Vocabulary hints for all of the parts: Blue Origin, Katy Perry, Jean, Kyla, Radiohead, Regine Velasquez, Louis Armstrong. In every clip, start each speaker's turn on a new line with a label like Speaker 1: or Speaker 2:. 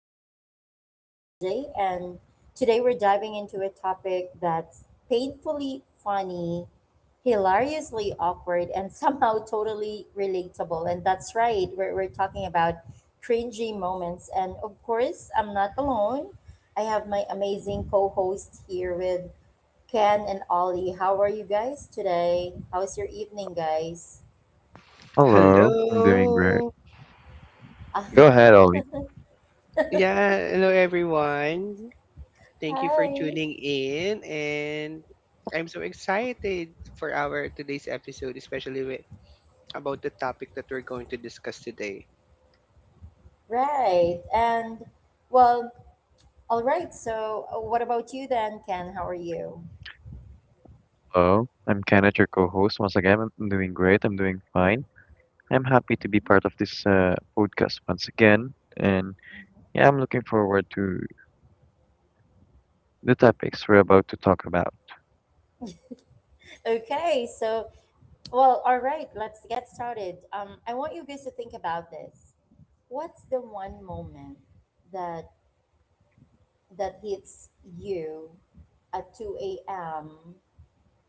Speaker 1: podcast. I'm MJ, and today we're diving into a topic that's painfully funny, hilariously awkward, and somehow totally relatable. And that's right, we're talking about cringy moments. And of course, I'm not alone. I have my amazing co host here with Ken and Ollie. How are you guys today? How's your evening, guys?
Speaker 2: Hello, I'm doing great.
Speaker 3: Hello.
Speaker 2: Go ahead, Ollie.
Speaker 3: Yeah, hello everyone. Thank you for
Speaker 1: Hi.
Speaker 3: tuning in, and I'm so excited for our today's episode, especially about the topic that we're going to discuss today.
Speaker 1: Right. And well, all right. So, what about you then, Ken? How are you?
Speaker 2: Hello, I'm Kenneth, your co-host. Once again, I'm doing great. I'm doing fine. I'm happy to be part of this podcast once again, and yeah, I'm looking forward to the topics we're about to talk about.
Speaker 1: Okay, so, well, all right, let's get started. I want you guys to think about this. What's the one moment that that hits you at 2 a.m.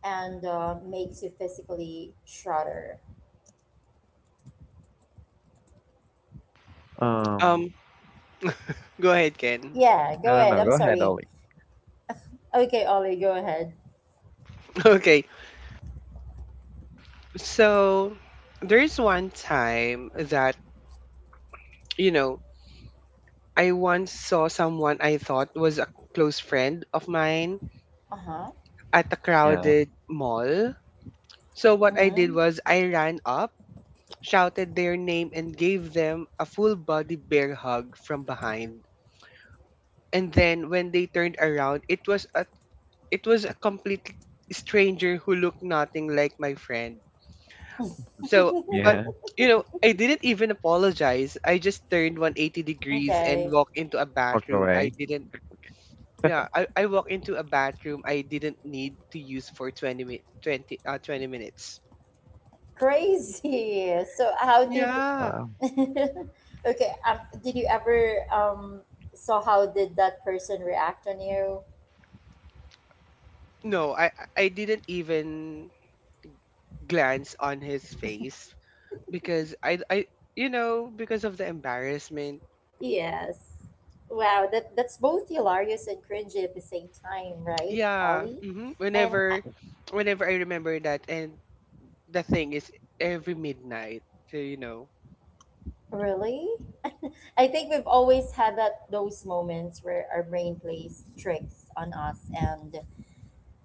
Speaker 1: and makes you physically shudder?
Speaker 2: Um,
Speaker 3: Um, Go ahead, Ken.
Speaker 1: Yeah,
Speaker 2: no,
Speaker 1: go
Speaker 2: no,
Speaker 1: ahead.
Speaker 2: no.
Speaker 1: I'm
Speaker 2: Go ahead,
Speaker 1: sorry.
Speaker 2: Ollie.
Speaker 1: Okay, Ollie, go ahead.
Speaker 3: Okay. So, there's one time that, you know, I once saw someone I thought was a close friend of mine
Speaker 1: Uh-huh.
Speaker 3: at a
Speaker 2: Yeah,
Speaker 3: crowded mall. So what I did
Speaker 1: Mm-hmm.
Speaker 3: was I ran up, shouted their name, and gave them a full body bear hug from behind. And then when they turned around, it was a complete stranger who looked nothing like my friend. So, but
Speaker 2: yeah.
Speaker 3: I didn't even apologize. I just turned 180 degrees and
Speaker 1: Okay.
Speaker 3: walked into a
Speaker 2: Walked
Speaker 3: bathroom I
Speaker 2: away.
Speaker 3: didn't. Yeah, I walked into a bathroom I didn't need to use for 20 mi- 20 uh, 20 minutes.
Speaker 1: Crazy. So how did
Speaker 3: Yeah.
Speaker 2: Wow.
Speaker 1: Okay, did you ever saw how did that person react on you?
Speaker 3: No, I didn't even glance on his face, because I you know because of the embarrassment.
Speaker 1: Yes. Wow, that's both hilarious and cringy at the same time, right,
Speaker 3: Yeah.
Speaker 1: Ollie? And I,
Speaker 3: Whenever I remember that, and the thing is every midnight. So.
Speaker 1: really, I think we've always had that those moments where our brain plays tricks on us, and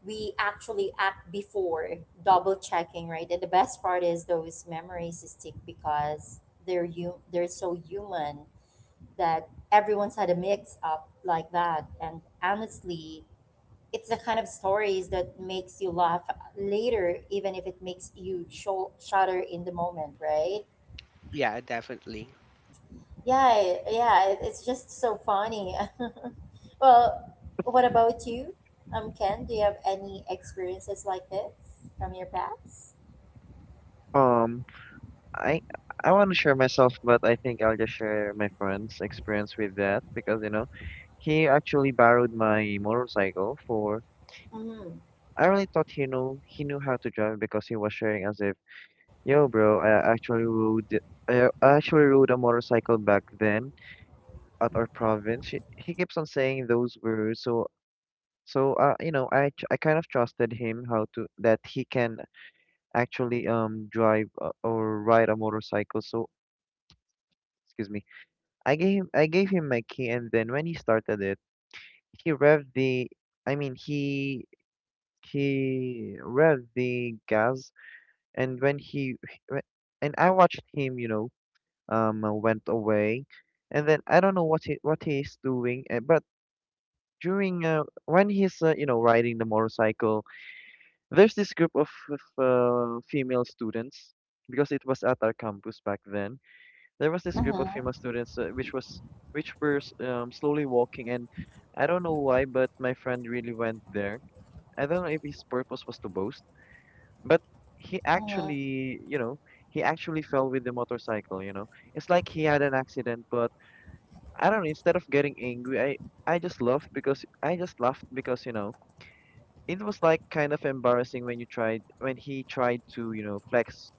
Speaker 1: we actually act before double checking, right? And the best part is those memories stick because they're so human that everyone's had a mix up like that, and honestly it's the kind of stories that makes you laugh later, even if it makes you shudder in the moment, right?
Speaker 3: Yeah, definitely.
Speaker 1: Yeah, yeah, it's just so funny. Well, what about you, um, Ken? Do you have any experiences like this from your past?
Speaker 2: Um, I I want to share myself, but I think I'll just share my friend's experience with that because he actually borrowed my motorcycle for
Speaker 1: Mm-hmm.
Speaker 2: I really thought he knew how to drive because he was sharing as if, yo, bro, I actually rode a motorcycle back then at our province. He keeps on saying those words, so so I I kind of trusted him how to that he can actually drive or ride a motorcycle. So excuse me, I gave him my key, and then when he started it, he revved the, I mean he he revved the gas and whe- and I watched him, went away, and then I don't know what he's doing, but during when he's riding the motorcycle, there's this group of female students because it was at our campus back then. There was this group of
Speaker 1: Mm-hmm.
Speaker 2: female students which were slowly walking, and I don't know why, but my friend really went there. I don't know if his purpose was to boast, but he
Speaker 1: Mm-hmm.
Speaker 2: actually, you know, he actually fell with the motorcycle. It's like he had an accident, but I don't know, instead of getting angry, I just laughed because it was like kind of embarrassing when he tried to,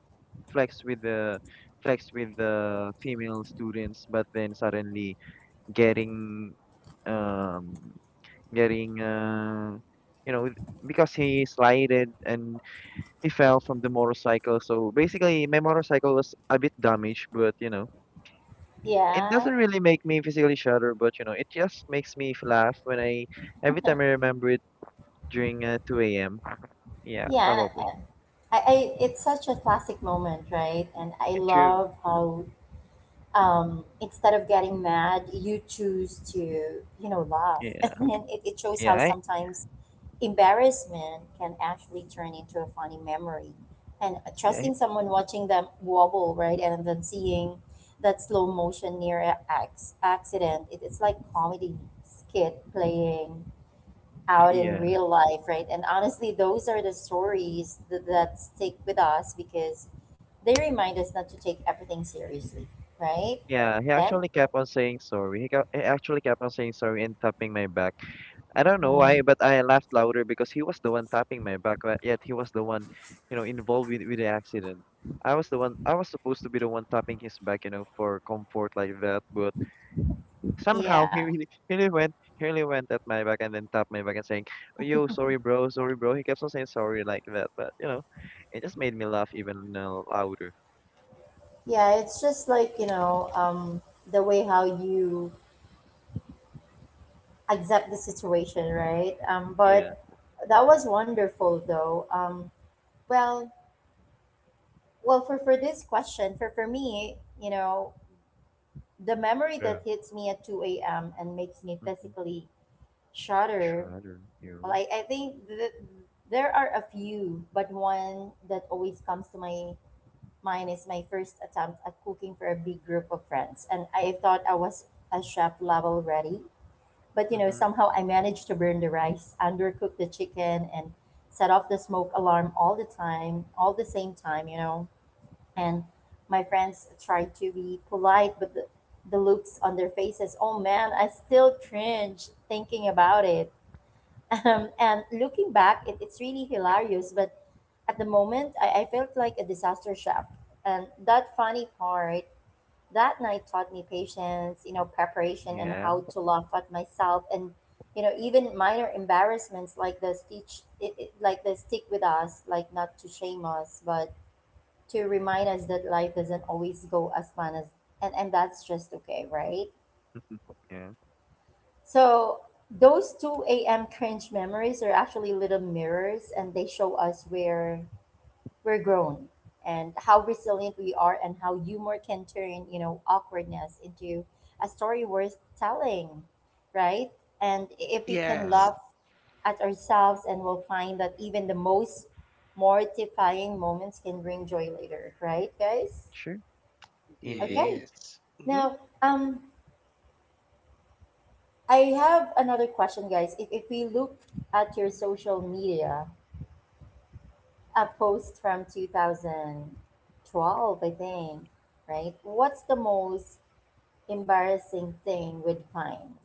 Speaker 2: flex with the flex with the female students, but then suddenly getting um getting you know because he slided and he fell from the motorcycle. So basically, my motorcycle was a bit damaged, but it
Speaker 1: Yeah.
Speaker 2: doesn't really make me physically shudder, but it just makes me laugh when I every time I remember it during 2 a.m. Yeah,
Speaker 1: Yeah. And
Speaker 2: probably.
Speaker 1: it's such a classic moment, right? And I
Speaker 2: Yeah, true.
Speaker 1: love how, instead of getting mad, you choose to, you know, laugh.
Speaker 2: Yeah.
Speaker 1: And then it shows
Speaker 2: Yeah.
Speaker 1: how sometimes embarrassment can actually turn into a funny memory. And
Speaker 2: Yeah.
Speaker 1: trusting someone, watching them wobble, right? And then seeing that slow motion near an accident, it's like comedy skit playing out in
Speaker 2: Yeah.
Speaker 1: real life, right? And honestly, those are the stories that, that stick with us because they remind us not to take everything seriously, right?
Speaker 2: Yeah. He
Speaker 1: Ken?
Speaker 2: actually kept on saying sorry. He actually kept on saying sorry and tapping my back. I don't know why,
Speaker 1: Mm.
Speaker 2: but I laughed louder because he was the one tapping my back, but yet he was the one, involved with the accident. I was the one, I was supposed to be the one tapping his back, for comfort like that, but somehow
Speaker 1: Yeah.
Speaker 2: he really, he really went at my back and then tapped my back and saying, oh, "Yo, sorry, bro, sorry, bro." He kept on saying sorry like that, but it just made me laugh even louder.
Speaker 1: Yeah, it's just like, you know, the way how you accept the situation, right?
Speaker 2: Yeah.
Speaker 1: But that was wonderful though. Well, well for this question, for me, you know, the memory
Speaker 2: Yeah.
Speaker 1: that hits me at 2 a.m. and makes me
Speaker 2: Mm-hmm.
Speaker 1: physically shudder.
Speaker 2: Shredder,
Speaker 1: Well,
Speaker 2: you.
Speaker 1: I think that there are a few, but one that always comes to my mind is my first attempt at cooking for a big group of friends. And I thought I was a chef level ready, but you know,
Speaker 2: Mm-hmm.
Speaker 1: somehow I managed to burn the rice, undercook the chicken, and set off the smoke alarm all the time, all the same time, you know. And my friends tried to be polite, but the looks on their faces, oh man, I still cringe thinking about it, and looking back, it's really hilarious. But at the moment, I felt like a disaster chef. And that funny part, that night taught me patience, you know, preparation, and
Speaker 2: Yeah,
Speaker 1: how to laugh at myself. And, you know, even minor embarrassments like the stitch, like the stick with us, like not to shame us, but to remind us that life doesn't always go as fun as, and that's just okay, right?
Speaker 2: yeah.
Speaker 1: So those 2 a.m. cringe memories are actually little mirrors, and they show us where we're grown and how resilient we are and how humor can turn, you know, awkwardness into a story worth telling, right? And if we can
Speaker 2: Right.
Speaker 3: Yes.
Speaker 1: laugh at ourselves, and we'll find that even the most mortifying moments can bring joy later, right, guys?
Speaker 2: Sure.
Speaker 1: Okay.
Speaker 2: Indeed.
Speaker 3: Yes. Hmm.
Speaker 1: Now, um I have another question, guys. If we look at your social media, a post from 2012, I think, right? What's the most embarrassing thing with Vine?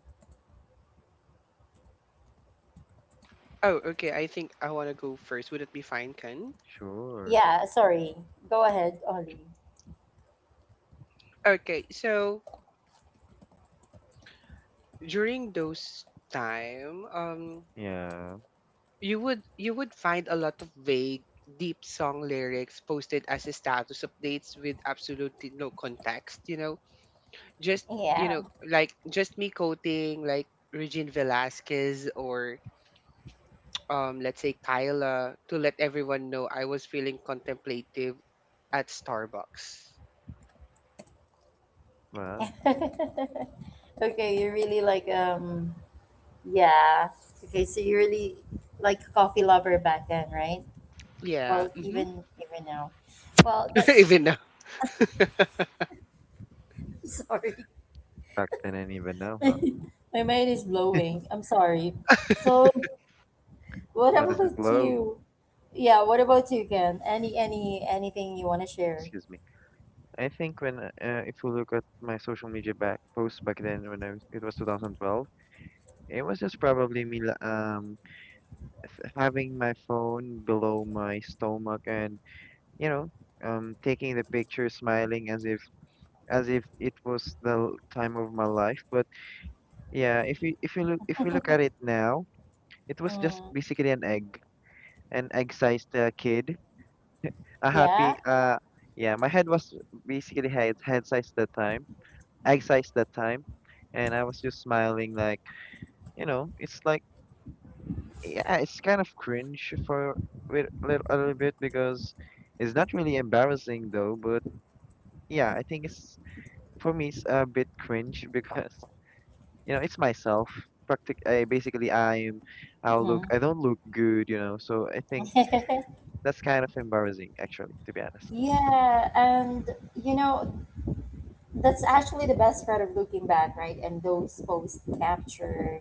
Speaker 3: Oh, okay. I think I want to go first. Would it be fine, Ken?
Speaker 2: Sure.
Speaker 1: Yeah, sorry. Go ahead, Ollie.
Speaker 3: Okay. So during those time,
Speaker 2: Yeah,
Speaker 3: you would find a lot of vague, deep song lyrics posted as a status updates with absolutely no context. Just,
Speaker 1: Yeah.
Speaker 3: you know like just me quoting like Regine Velasquez or let's say Kyla to let everyone know I was feeling contemplative at Starbucks.
Speaker 2: wow.
Speaker 1: Okay, you're really like, yeah. Okay, so you're really like a coffee lover back then, right?
Speaker 3: Yeah.
Speaker 1: Well,
Speaker 3: Hmm.
Speaker 1: even even now. Well, that's
Speaker 3: Even now.
Speaker 1: sorry.
Speaker 2: Back then and even now, huh?
Speaker 1: My mind is blowing. I'm sorry. So, what
Speaker 2: How does it
Speaker 1: about
Speaker 2: love?
Speaker 1: you? Yeah, what about you, Ken? Any, anything you want to share?
Speaker 2: Excuse me. I think when if you look at my social media back posts back then when I was it was 2012, it was just probably me having my phone below my stomach and you know taking the picture, smiling as if it was the time of my life. But yeah, if you look at it now, it was just
Speaker 1: Mm,
Speaker 2: basically an an egg-sized kid, a happy
Speaker 1: yeah.
Speaker 2: yeah, my head was basically head size that time, egg size that time, and I was just smiling like, you know, it's like, yeah, it's kind of cringe for with a little bit because it's not really embarrassing though, but yeah, I think it's for me it's a bit cringe because you know it's myself, practic I, basically I'm I'll look
Speaker 1: Mm-hmm.
Speaker 2: I don't look good, you know, so I think that's kind of embarrassing, actually, to be honest.
Speaker 1: Yeah, and you know that's actually the best part of looking back, right? And those posts capture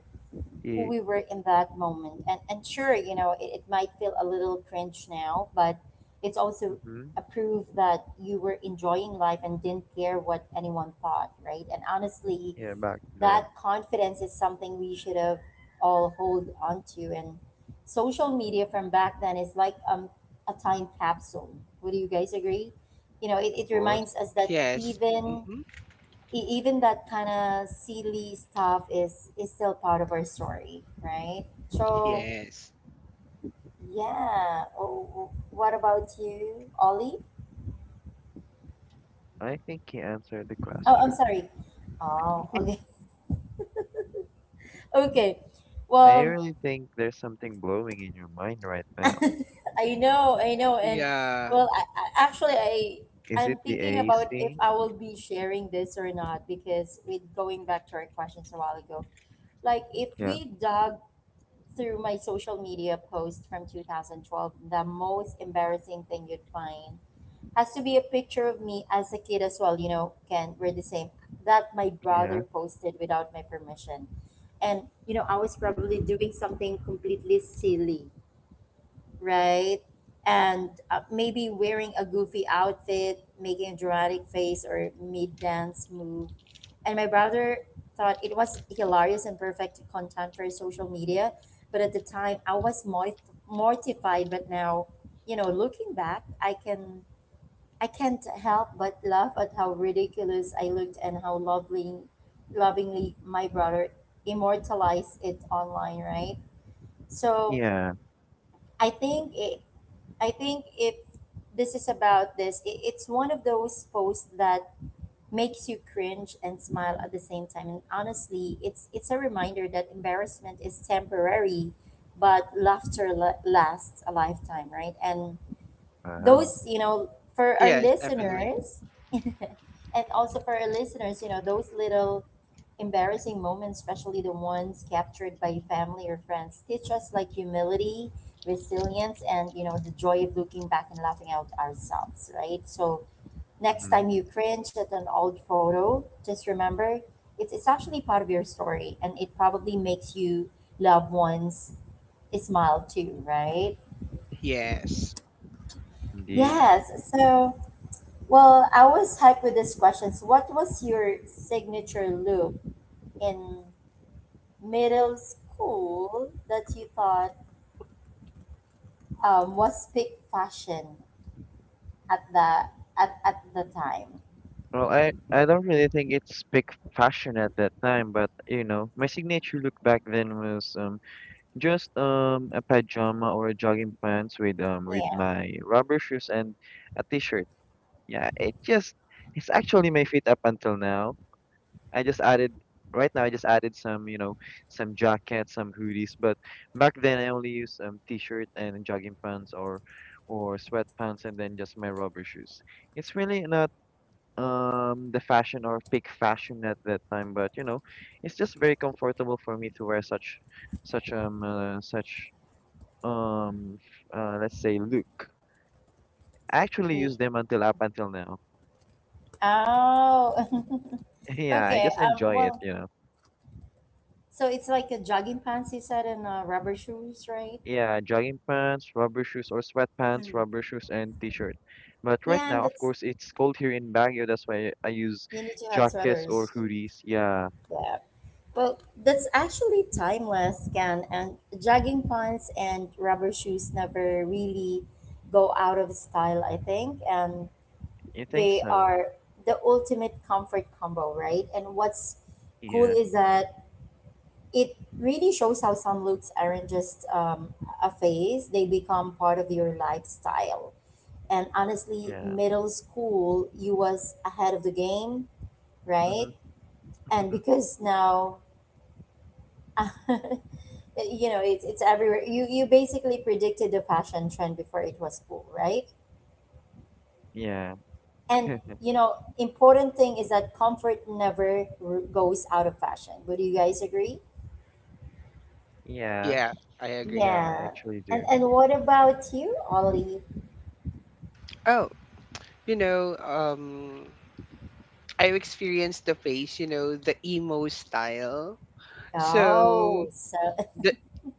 Speaker 1: who
Speaker 2: Yeah,
Speaker 1: we were in that moment. And sure, you know, it might feel a little cringe now, but it's also
Speaker 2: hmm
Speaker 1: a proof that you were enjoying life and didn't care what anyone thought, right? And honestly,
Speaker 2: yeah, back
Speaker 1: that
Speaker 2: then.
Speaker 1: confidence is something we should have all hold on to. And social media from back then is like, um, a time capsule. Would you guys agree? You know, it
Speaker 2: Ross,
Speaker 1: reminds us that
Speaker 3: Yes.
Speaker 1: even
Speaker 3: Hmm.
Speaker 1: even that kind of silly stuff is still part of our story, right? So
Speaker 3: Yes.
Speaker 1: yeah. Oh, what about you, Ollie?
Speaker 2: I think he answered the
Speaker 1: Oh, I'm
Speaker 2: question.
Speaker 1: sorry. Oh, okay, okay.
Speaker 2: I
Speaker 1: Well,
Speaker 2: really think there's something blowing in your mind right now.
Speaker 1: I know, and
Speaker 3: Yeah.
Speaker 1: well, I
Speaker 2: Is
Speaker 1: I'm
Speaker 2: it the
Speaker 1: thinking about if
Speaker 2: AC?
Speaker 1: I will be sharing this or not because with going back to our questions a while ago, like if
Speaker 2: Yeah,
Speaker 1: we dug through my social media post from 2012, the most embarrassing thing you'd find has to be a picture of me as a kid as well. You know, Ken, we're the same. That my brother
Speaker 2: yeah,
Speaker 1: posted without my permission. And, you know, I was probably doing something completely silly, right? And maybe wearing a goofy outfit, making a dramatic face or mid dance move. And my brother thought it was hilarious and perfect content for social media. But at the time, I was mortified. But now, you know, looking back, I can't help but laugh at how ridiculous I looked and how lovingly my brother immortalized it online, right? So
Speaker 2: yeah.
Speaker 1: I think it, I think if this is about this, it's one of those posts that makes you cringe and smile at the same time. And honestly, it's a reminder that embarrassment is temporary, but laughter lasts a lifetime, right? And
Speaker 2: Wow.
Speaker 1: those, you know, for our
Speaker 3: Yes, definitely.
Speaker 1: listeners, and also for our listeners, you know, those little embarrassing moments, especially the ones captured by family or friends, teach us like humility, resilience, and you know, the joy of looking back and laughing out ourselves, right? So next
Speaker 2: Mm-hmm.
Speaker 1: time you cringe at an old photo, just remember it's actually part of your story, and it probably makes you loved ones smile too, right?
Speaker 3: Yes.
Speaker 2: Indeed.
Speaker 1: Yes. So well, I was hyped with these questions. What was your signature look in middle school that you thought, was peak fashion at the at the time?
Speaker 2: Well, I don't really think it's big fashion at that time, but you know, my signature look back then was just a pajama or a jogging pants with
Speaker 1: Yeah.
Speaker 2: my rubber shoes and a t-shirt. Yeah, it's actually my fit up until now. I just added right now. I just added some jackets, some hoodies. But back then, I only used t-shirt and jogging pants or sweatpants, and then just my rubber shoes. It's really not the fashion or peak fashion at that time, but you know, it's just very comfortable for me to wear such such um let's say look. I actually
Speaker 1: Ye-
Speaker 2: use them until up until now.
Speaker 1: Oh.
Speaker 2: Yeah, I
Speaker 1: Okay.
Speaker 2: just enjoy it,
Speaker 1: Well.
Speaker 2: you know.
Speaker 1: So it's like a jogging pants you said and rubber shoes, right?
Speaker 2: Yeah, jogging pants, rubber shoes or sweatpants,
Speaker 1: Mm.
Speaker 2: rubber shoes and t-shirt. But right
Speaker 1: Yeah, and
Speaker 2: now, of
Speaker 1: that's
Speaker 2: course, it's cold here in Baguio. That's why I use
Speaker 1: you need to have
Speaker 2: jackets or
Speaker 1: sweaters.
Speaker 2: hoodies. Yeah,
Speaker 1: Yeah. Well, that's actually timeless, Ken. And jogging pants and rubber shoes never really go out of style, I think. And
Speaker 2: you think
Speaker 1: they
Speaker 2: so?
Speaker 1: are the ultimate comfort combo, right? And what's cool
Speaker 2: Yeah,
Speaker 1: is that it really shows how some looks aren't just, a phase, they become part of your lifestyle. And honestly,
Speaker 2: yeah,
Speaker 1: middle school, you was ahead of the game, right?
Speaker 2: mm-hmm.
Speaker 1: And because now, you know, it's everywhere. You basically predicted the fashion trend before it was cool, right?
Speaker 2: Yeah,
Speaker 1: And you know important thing is that comfort never goes out of fashion, would you guys agree?
Speaker 2: yeah,
Speaker 3: Yeah, I agree.
Speaker 2: yeah. I
Speaker 1: Yeah,
Speaker 2: actually do.
Speaker 1: and what about you, Ollie?
Speaker 3: Oh, you know, um I've experienced the phase, the emo style. So
Speaker 1: Oh so
Speaker 3: The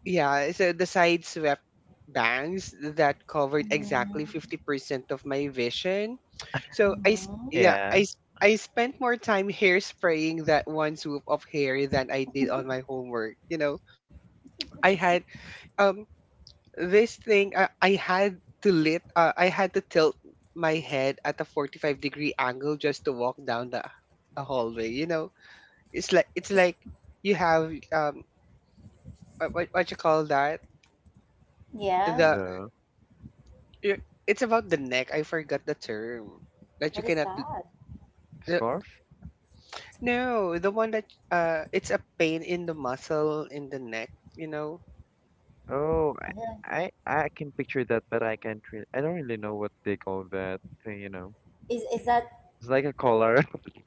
Speaker 3: yeah, so the side swept bangs that covered exactly
Speaker 1: Mhm,
Speaker 3: 50% of my vision. So I s-
Speaker 1: mhm.
Speaker 3: yeah,
Speaker 2: Yeah,
Speaker 3: I s- I spent more time hairspraying that one swoop of hair than I did on my homework. I had, um this thing, I had to tilt my head at a 45-degree angle just to walk down the hallway. It's like it's
Speaker 1: Is-
Speaker 3: like you have, what you call that?
Speaker 1: yeah,
Speaker 3: the
Speaker 2: the
Speaker 3: it's about the neck. I forgot the term that you
Speaker 1: what is
Speaker 3: cannot.
Speaker 1: that?
Speaker 3: The,
Speaker 2: scarf.
Speaker 3: no, the one that, it's a pain in the muscle in the neck.
Speaker 2: Oh,
Speaker 1: Uh-huh.
Speaker 2: I can picture that, but I can't really. I don't really know what they call that thing. You know,
Speaker 1: Is that,
Speaker 2: it's like a collar.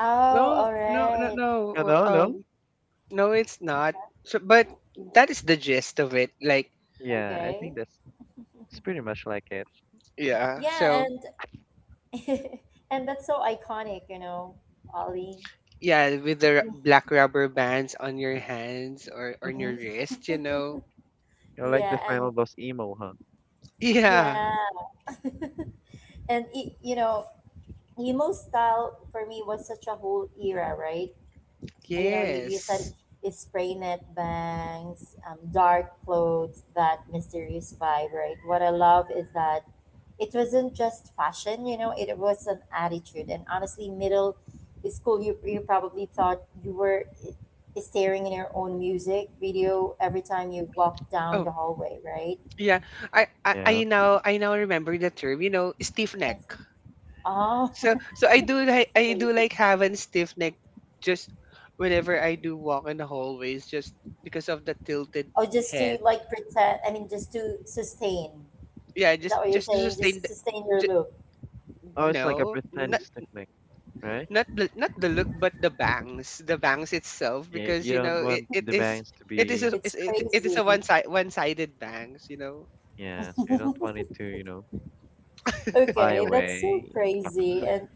Speaker 1: oh
Speaker 3: No,
Speaker 1: all
Speaker 3: no, no,
Speaker 1: right.
Speaker 3: no. uh,
Speaker 2: No, no.
Speaker 3: Um, no, it's
Speaker 1: Is
Speaker 3: not.
Speaker 1: that
Speaker 3: So, but that is the gist of it. Like,
Speaker 2: Yeah, I think
Speaker 1: okay?
Speaker 2: that's it's pretty much like it.
Speaker 3: yeah.
Speaker 1: Yeah,
Speaker 3: So,
Speaker 1: and and that's so iconic, you know, Ollie.
Speaker 3: yeah, with the
Speaker 1: Mhm.
Speaker 3: black rubber bands on your hands or on your wrist.
Speaker 2: You're like the
Speaker 1: Yeah,
Speaker 2: final
Speaker 1: and
Speaker 2: boss emo, huh?
Speaker 3: Yeah.
Speaker 1: yeah and you know, emo style for me was such a whole era, right? You know, you
Speaker 3: Yes.
Speaker 1: said it's spray net bangs, dark clothes, that mysterious vibe, right? What I love is that it wasn't just fashion, you know, it was an attitude. And honestly, middle school, you probably thought you were staring in your own music video every time you walked down
Speaker 3: Oh,
Speaker 1: the hallway, right?
Speaker 3: yeah. I, I
Speaker 2: Yeah.
Speaker 3: I now I now remember the term. Stiff neck.
Speaker 1: Oh,
Speaker 3: So I do like I do
Speaker 1: crazy.
Speaker 3: like having stiff neck, just whenever I do walk in the hallways, just because of the tilted
Speaker 1: Or just to
Speaker 3: head.
Speaker 1: like pretend, I mean, just to sustain.
Speaker 3: Yeah,
Speaker 1: Is that
Speaker 3: just
Speaker 1: what you're
Speaker 3: just to
Speaker 1: saying?
Speaker 3: sustain
Speaker 1: Just
Speaker 3: the,
Speaker 1: sustain your
Speaker 3: ju-
Speaker 1: look.
Speaker 2: Oh, it's like a
Speaker 3: no, not
Speaker 2: pretend technique, right?
Speaker 3: not the not the look but the bangs itself,
Speaker 2: Y-
Speaker 3: because
Speaker 2: You don't
Speaker 3: it,
Speaker 2: want the bangs to
Speaker 3: it is a,
Speaker 2: be,
Speaker 1: It's
Speaker 3: is- it is a
Speaker 1: crazy.
Speaker 3: one sided bangs.
Speaker 2: yeah, so you don't want it to, fly
Speaker 1: Okay, that's so
Speaker 2: away.
Speaker 1: crazy. And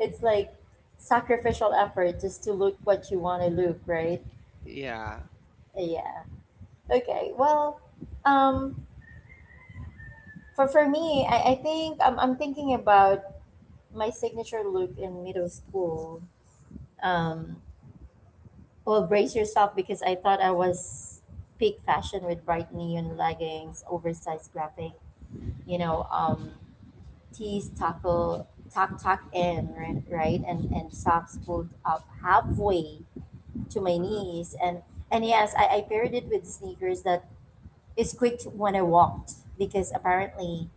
Speaker 1: it's like sacrificial effort just to look what you want to look, right?
Speaker 3: Yeah.
Speaker 1: Yeah. Okay. Well, um, for me, I think I'm thinking about my signature look in middle school. Um, well, brace yourself because I thought I was peak fashion with bright neon leggings, oversized graphic, you know, tees tackle tucked in right, right? And socks pulled up halfway to my
Speaker 2: Mm-hmm.
Speaker 1: knees and yes I paired it with sneakers that squeaked when I walked because apparently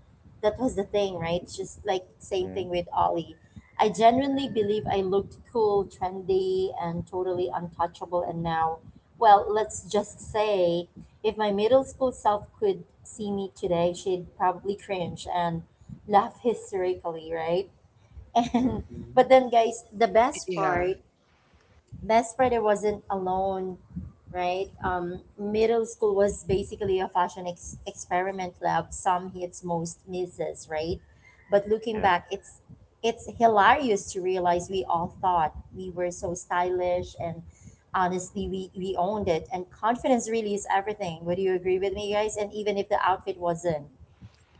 Speaker 1: that was the thing, right? Just like same
Speaker 2: Yeah.
Speaker 1: thing with Ollie. I genuinely believe I looked cool, trendy, and totally untouchable. And now, well, let's just say if my middle school self could see me today, she'd probably cringe and laugh hysterically, right? And
Speaker 2: Mm-hmm.
Speaker 1: but then, guys, the best
Speaker 3: Yeah.
Speaker 1: part Best Friday wasn't alone, right? Middle school was basically a fashion experiment lab. Some hits, most misses, right? But looking
Speaker 2: Yeah.
Speaker 1: back, it's hilarious to realize we all thought we were so stylish and honestly we owned it, and confidence really is everything. Would you agree with me, guys? And even if the outfit wasn't,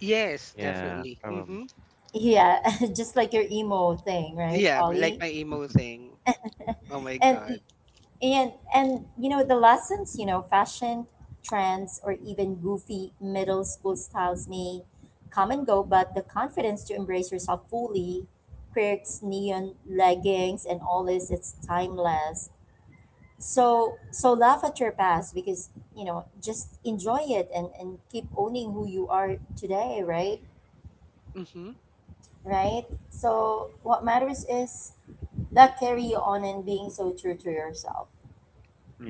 Speaker 3: Yes,
Speaker 2: Yeah,
Speaker 3: definitely.
Speaker 2: probably.
Speaker 3: Mhm.
Speaker 1: yeah, just like your emo thing, right,
Speaker 3: Yeah, like
Speaker 1: Ollie?
Speaker 3: my emo thing. Oh my
Speaker 1: And
Speaker 3: god.
Speaker 1: and you know, the lessons, fashion trends or even goofy middle school styles may come and go, but the confidence to embrace yourself fully, quirks, neon leggings, and all this, it's timeless. So laugh at your past, because just enjoy it and keep owning who you are today, right?
Speaker 3: Mhm.
Speaker 1: Right. So what matters is that carry you on and being so true to yourself,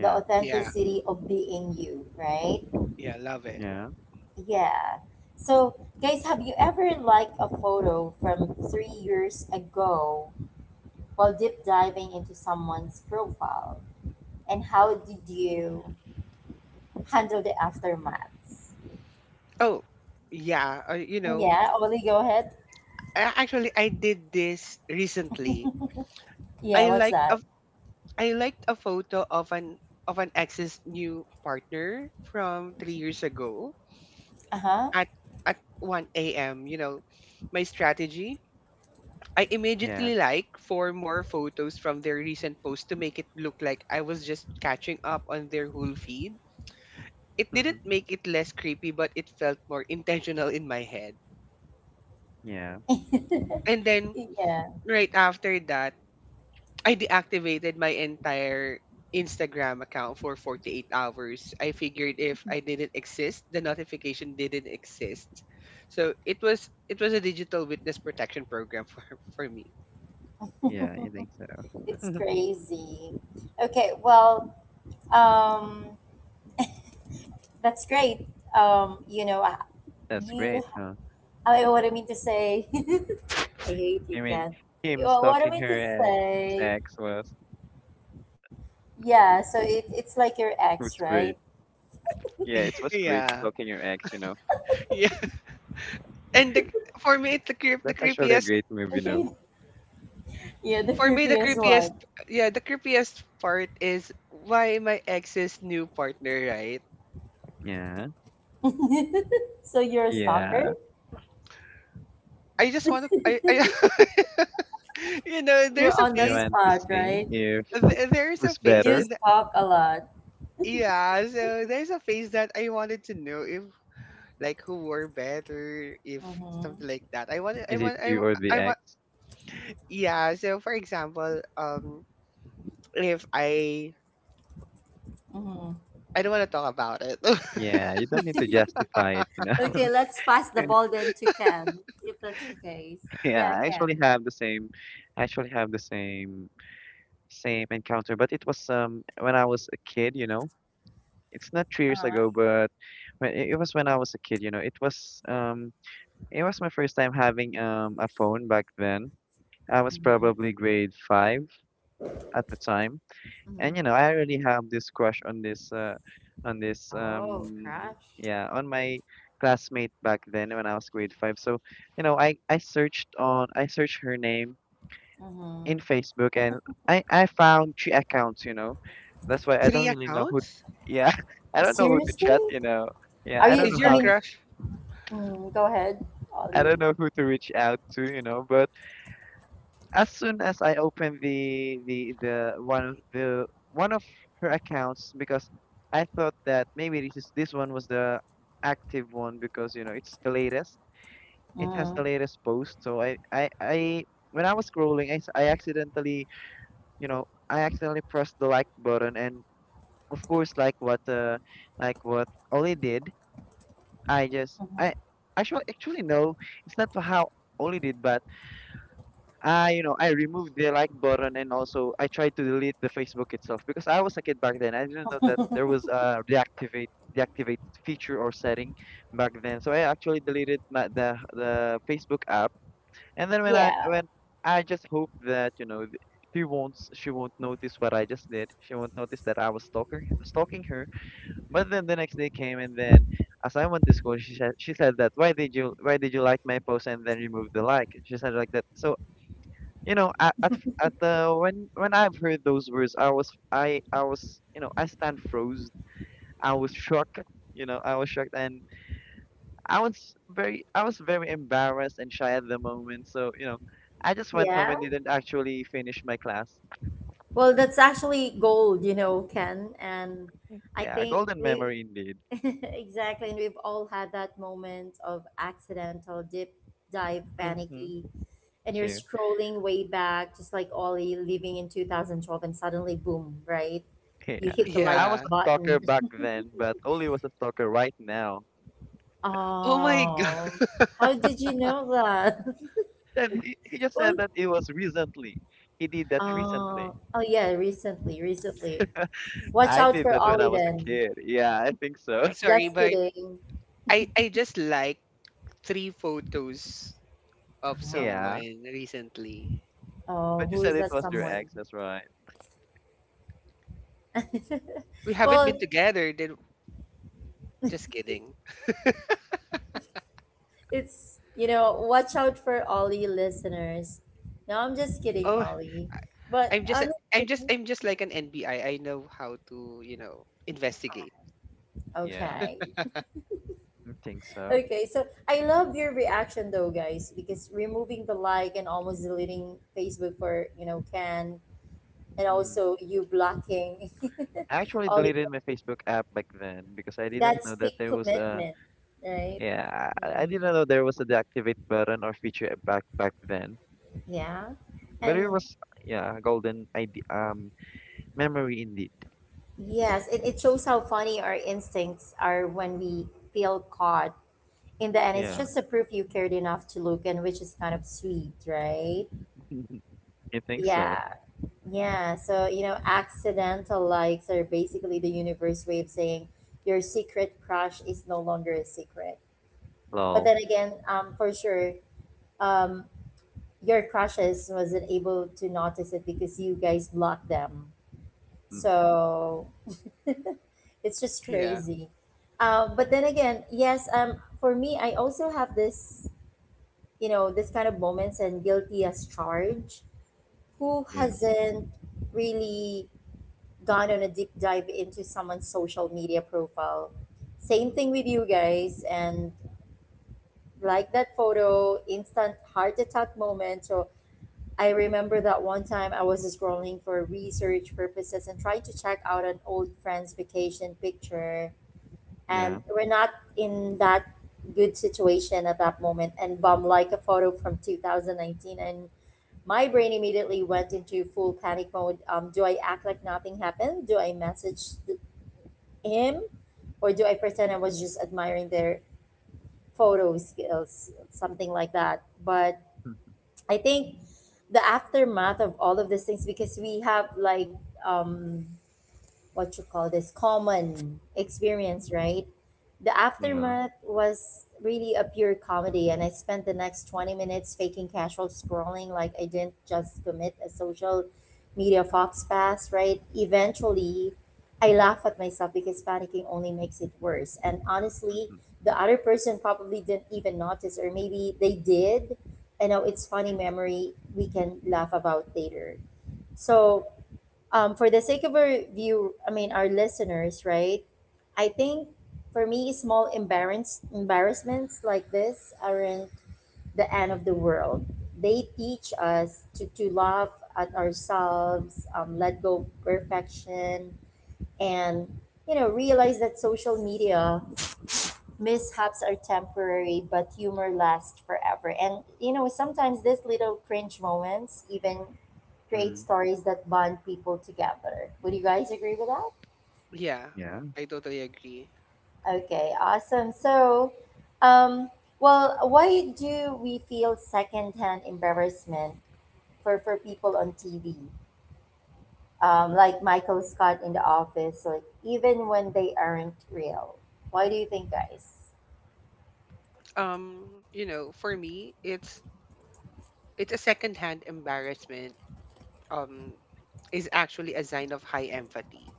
Speaker 1: the
Speaker 3: Yeah.
Speaker 1: authenticity of being you, right?
Speaker 3: Yeah, love it.
Speaker 2: Yeah.
Speaker 1: Yeah. So, guys, have you ever liked a photo from 3 years ago while deep diving into someone's profile? And how did you handle the aftermath?
Speaker 3: Oh, yeah.
Speaker 1: Yeah, Oli, go ahead.
Speaker 3: Actually, I did this recently.
Speaker 1: Yeah,
Speaker 3: I
Speaker 1: what's
Speaker 3: like
Speaker 1: that?
Speaker 3: a, I liked a photo of an ex's new partner from 3 years ago
Speaker 1: Uh huh.
Speaker 3: at one a.m. My strategy. I
Speaker 2: Yeah.
Speaker 3: immediately like four more photos from their recent post to make it look like I was just catching up on their whole feed. It didn't make it less creepy, but it felt more intentional in my head.
Speaker 2: Yeah.
Speaker 3: And then
Speaker 1: Yeah,
Speaker 3: right after that, I deactivated my entire Instagram account for 48 hours. I figured if I didn't exist, the notification didn't exist. So it was a digital witness protection program for me.
Speaker 2: Yeah. You think so?
Speaker 1: it's crazy. Okay, well, um, that's great. You know,
Speaker 2: That's
Speaker 1: you,
Speaker 2: great, huh?
Speaker 1: I, what I mean to say. I hate
Speaker 2: I
Speaker 1: you,
Speaker 2: mean,
Speaker 1: Ken.
Speaker 2: him
Speaker 1: Well, what
Speaker 2: stalking
Speaker 1: am I to
Speaker 2: her ex, his
Speaker 1: say?
Speaker 2: ex was
Speaker 1: Yeah, so it's like your
Speaker 2: was
Speaker 1: ex,
Speaker 2: great.
Speaker 1: right?
Speaker 2: Yeah, it was great
Speaker 3: Yeah.
Speaker 2: stalking your ex.
Speaker 3: Yeah. And the, for me, it's the
Speaker 2: That's actually a
Speaker 3: creepiest.
Speaker 2: great move, you
Speaker 1: Yeah,
Speaker 2: know.
Speaker 1: the
Speaker 3: For me,
Speaker 1: creepiest one.
Speaker 3: the creepiest part is why my ex's new partner, right?
Speaker 2: Yeah.
Speaker 1: So you're a stalker?
Speaker 2: Yeah,
Speaker 3: I just want to I you know,
Speaker 1: You're
Speaker 3: there's a
Speaker 1: on the
Speaker 2: you
Speaker 3: face
Speaker 2: want to
Speaker 1: spot,
Speaker 2: see
Speaker 1: right?
Speaker 2: if
Speaker 3: there's a
Speaker 2: who's
Speaker 3: face
Speaker 1: You
Speaker 2: better?
Speaker 1: stalk a lot.
Speaker 3: Yeah, so there's a phase that I wanted to know if, like, who were better, if something like
Speaker 1: Mm-hmm.
Speaker 3: that.
Speaker 2: Is it you or the
Speaker 3: I
Speaker 2: ex?
Speaker 3: want. Yeah, so for example, if I,
Speaker 1: Mm-hmm.
Speaker 3: I don't want to talk about it.
Speaker 2: Yeah, you don't need to justify it.
Speaker 1: Okay, let's pass the ball then to Ken, if that's the case.
Speaker 2: Yeah,
Speaker 1: Yeah,
Speaker 2: I actually
Speaker 1: Ken.
Speaker 2: have the same, I actually have the same same encounter, but it was when I was a kid. It's not 3 years ago,
Speaker 1: Uh-huh.
Speaker 2: but when I was a kid. It was my first time having a phone back then. I was
Speaker 1: Mm-hmm.
Speaker 2: probably grade 5 at the time, and you know,
Speaker 1: Mm-hmm.
Speaker 2: I really have this crush on this on this
Speaker 1: Oh,
Speaker 2: um
Speaker 1: crush.
Speaker 2: yeah, on my classmate back then when I was grade 5. So, I searched her name in
Speaker 1: Mm-hmm.
Speaker 2: Facebook and I found three accounts. That's why I don't
Speaker 3: Three
Speaker 2: really know who,
Speaker 3: accounts
Speaker 2: yeah, I don't know who to
Speaker 1: Seriously?
Speaker 2: chat.
Speaker 1: Are
Speaker 2: Yeah, I don't
Speaker 3: is
Speaker 1: you,
Speaker 2: know
Speaker 1: I
Speaker 3: your
Speaker 2: how
Speaker 1: mean,
Speaker 3: crush?
Speaker 1: mm, Go ahead,
Speaker 2: I don't
Speaker 1: Ollie.
Speaker 2: know who to reach out to, but as soon as I opened the one of her accounts, because I thought that maybe this one was the active one because it's the latest. It has the
Speaker 1: Mm-hmm.
Speaker 2: latest post. So I when I was scrolling, I, s- I accidentally you know I accidentally pressed the like button, and of course, like what Oli did, I just I
Speaker 1: Mm-hmm.
Speaker 2: actually actually no, it's not how Oli did, but I removed the like button, and also I tried to delete the Facebook itself because I was a kid back then. I didn't know that there was a deactivate feature or setting back then. So I actually deleted my, the Facebook app. And then
Speaker 1: Yeah,
Speaker 2: when I just hope that she won't she won't notice what I just did. She won't notice that I was stalking her. But then the next day came, and then as I went to school, she said that why did you like my post and then remove the like? She said like that. So, you know at at, at the when I've heard those words, I was you know I stand froze. I was shocked you know i was shocked, and I was very embarrassed and shy at the moment, so I just went home
Speaker 1: yeah.
Speaker 2: and didn't actually finish my class.
Speaker 1: Well, that's actually gold, you know, Ken. And I
Speaker 2: Yeah,
Speaker 1: think
Speaker 2: golden
Speaker 1: we,
Speaker 2: memory indeed.
Speaker 1: exactly, and we've all had that moment of accidental dip dive
Speaker 2: Mm-hmm.
Speaker 1: panicky, and you're
Speaker 2: True.
Speaker 1: scrolling way back, just like Ollie living in 2012, and suddenly, boom, right? You
Speaker 2: Yeah,
Speaker 1: hit the like
Speaker 2: I was
Speaker 3: Yeah.
Speaker 2: a stalker
Speaker 1: button.
Speaker 2: back then, but Oli was a stalker right now,
Speaker 3: Oh my god.
Speaker 1: Oh, how did you know that?
Speaker 2: and he just said
Speaker 1: Well,
Speaker 2: that it was recently, he did that recently.
Speaker 1: oh yeah, recently, recently. Watch
Speaker 2: I
Speaker 1: out
Speaker 2: did
Speaker 1: for
Speaker 2: that when I
Speaker 1: Ollie
Speaker 2: was a
Speaker 1: then.
Speaker 2: kid. Yeah, I think so.
Speaker 3: Sorry,
Speaker 1: Just
Speaker 3: but
Speaker 1: kidding.
Speaker 3: I just like three photos of
Speaker 2: Yeah.
Speaker 3: someone recently.
Speaker 1: Oh,
Speaker 2: But you
Speaker 1: who
Speaker 2: said
Speaker 1: is
Speaker 2: it
Speaker 1: that
Speaker 2: was your
Speaker 1: someone?
Speaker 2: ex, that's right.
Speaker 3: We haven't been
Speaker 1: Well,
Speaker 3: together. Then just kidding.
Speaker 1: it's, you know, watch out for Ollie, listeners. No, I'm just kidding,
Speaker 3: Oh.
Speaker 1: Ollie. But
Speaker 3: I'm just a- I'm just
Speaker 1: honestly,
Speaker 3: I'm just like an NBI. I know how to, investigate.
Speaker 2: Yeah,
Speaker 1: okay.
Speaker 2: I think so.
Speaker 1: Okay, so I love your reaction though, guys, because removing the like and almost deleting Facebook for, you know, Ken, and
Speaker 2: Mm.
Speaker 1: also you blocking,
Speaker 2: I actually
Speaker 1: Ollie,
Speaker 2: deleted my Facebook app back then because I didn't
Speaker 1: that's
Speaker 2: know that
Speaker 1: big
Speaker 2: there was a
Speaker 1: commitment, right?
Speaker 2: yeah, I didn't know there was a deactivate button or feature back then.
Speaker 1: Yeah.
Speaker 2: But it
Speaker 1: And
Speaker 2: was yeah, a golden ID memory indeed.
Speaker 1: yes, it shows how funny our instincts are when we feel caught. In the end, it's
Speaker 2: Yeah.
Speaker 1: just a proof you cared enough to look in, which is kind of sweet, right?
Speaker 2: I think so.
Speaker 1: Yeah, yeah. So, you know, accidental likes are basically the universe way of saying your secret crush is no longer a secret. But
Speaker 2: Lol.
Speaker 1: then again, for sure, um, your crushes wasn't able to notice it because you guys blocked them.
Speaker 2: Mm,
Speaker 1: So it's just
Speaker 3: Yeah.
Speaker 1: crazy. But then again, yes, for me, I also have this, this kind of moments, and guilty as charged. Who
Speaker 2: yeah.
Speaker 1: hasn't really gone on a deep dive into someone's social media profile, same
Speaker 2: Hmm.
Speaker 1: thing with you guys, and like that photo instant heart attack moment? So I remember that one time I was scrolling for research purposes and trying to check out an old friend's vacation picture, and
Speaker 2: Yeah.
Speaker 1: we're not in that good situation at that moment, and bomb, like a photo from 2019, and my brain immediately went into full panic mode. Do I act like nothing happened? Do I message him? Or do I pretend I was just admiring their photo skills? Something like that. But I think the aftermath of all of these things, because we have like um, what you call this, common experience, right? The
Speaker 2: Yeah.
Speaker 1: aftermath was really a pure comedy, and I spent the next 20 minutes faking casual scrolling like I didn't just commit a social media fox pass, right? Eventually, I laugh at myself because panicking only makes it worse. And honestly, the other person probably didn't even notice, or maybe they did. And now it's funny memory we can laugh about later. So for the sake of our view, I mean our listeners, right? I think for me, small embarrassments like this aren't the end of the world. They teach us to laugh at ourselves, let go of perfection, and you know realize that social media mishaps are temporary, but humor lasts forever. And you know sometimes these little cringe moments, even create
Speaker 2: Mm,
Speaker 1: stories that bond people together. Would you guys agree with that?
Speaker 3: Yeah,
Speaker 2: yeah.
Speaker 3: I totally agree.
Speaker 1: Okay, awesome. So, um, well, why do we feel secondhand embarrassment for people on TV, like Michael Scott in The Office, like even when they aren't real? Why do you think, guys?
Speaker 3: For me, it's a secondhand embarrassment. Um, is actually a sign of high empathy.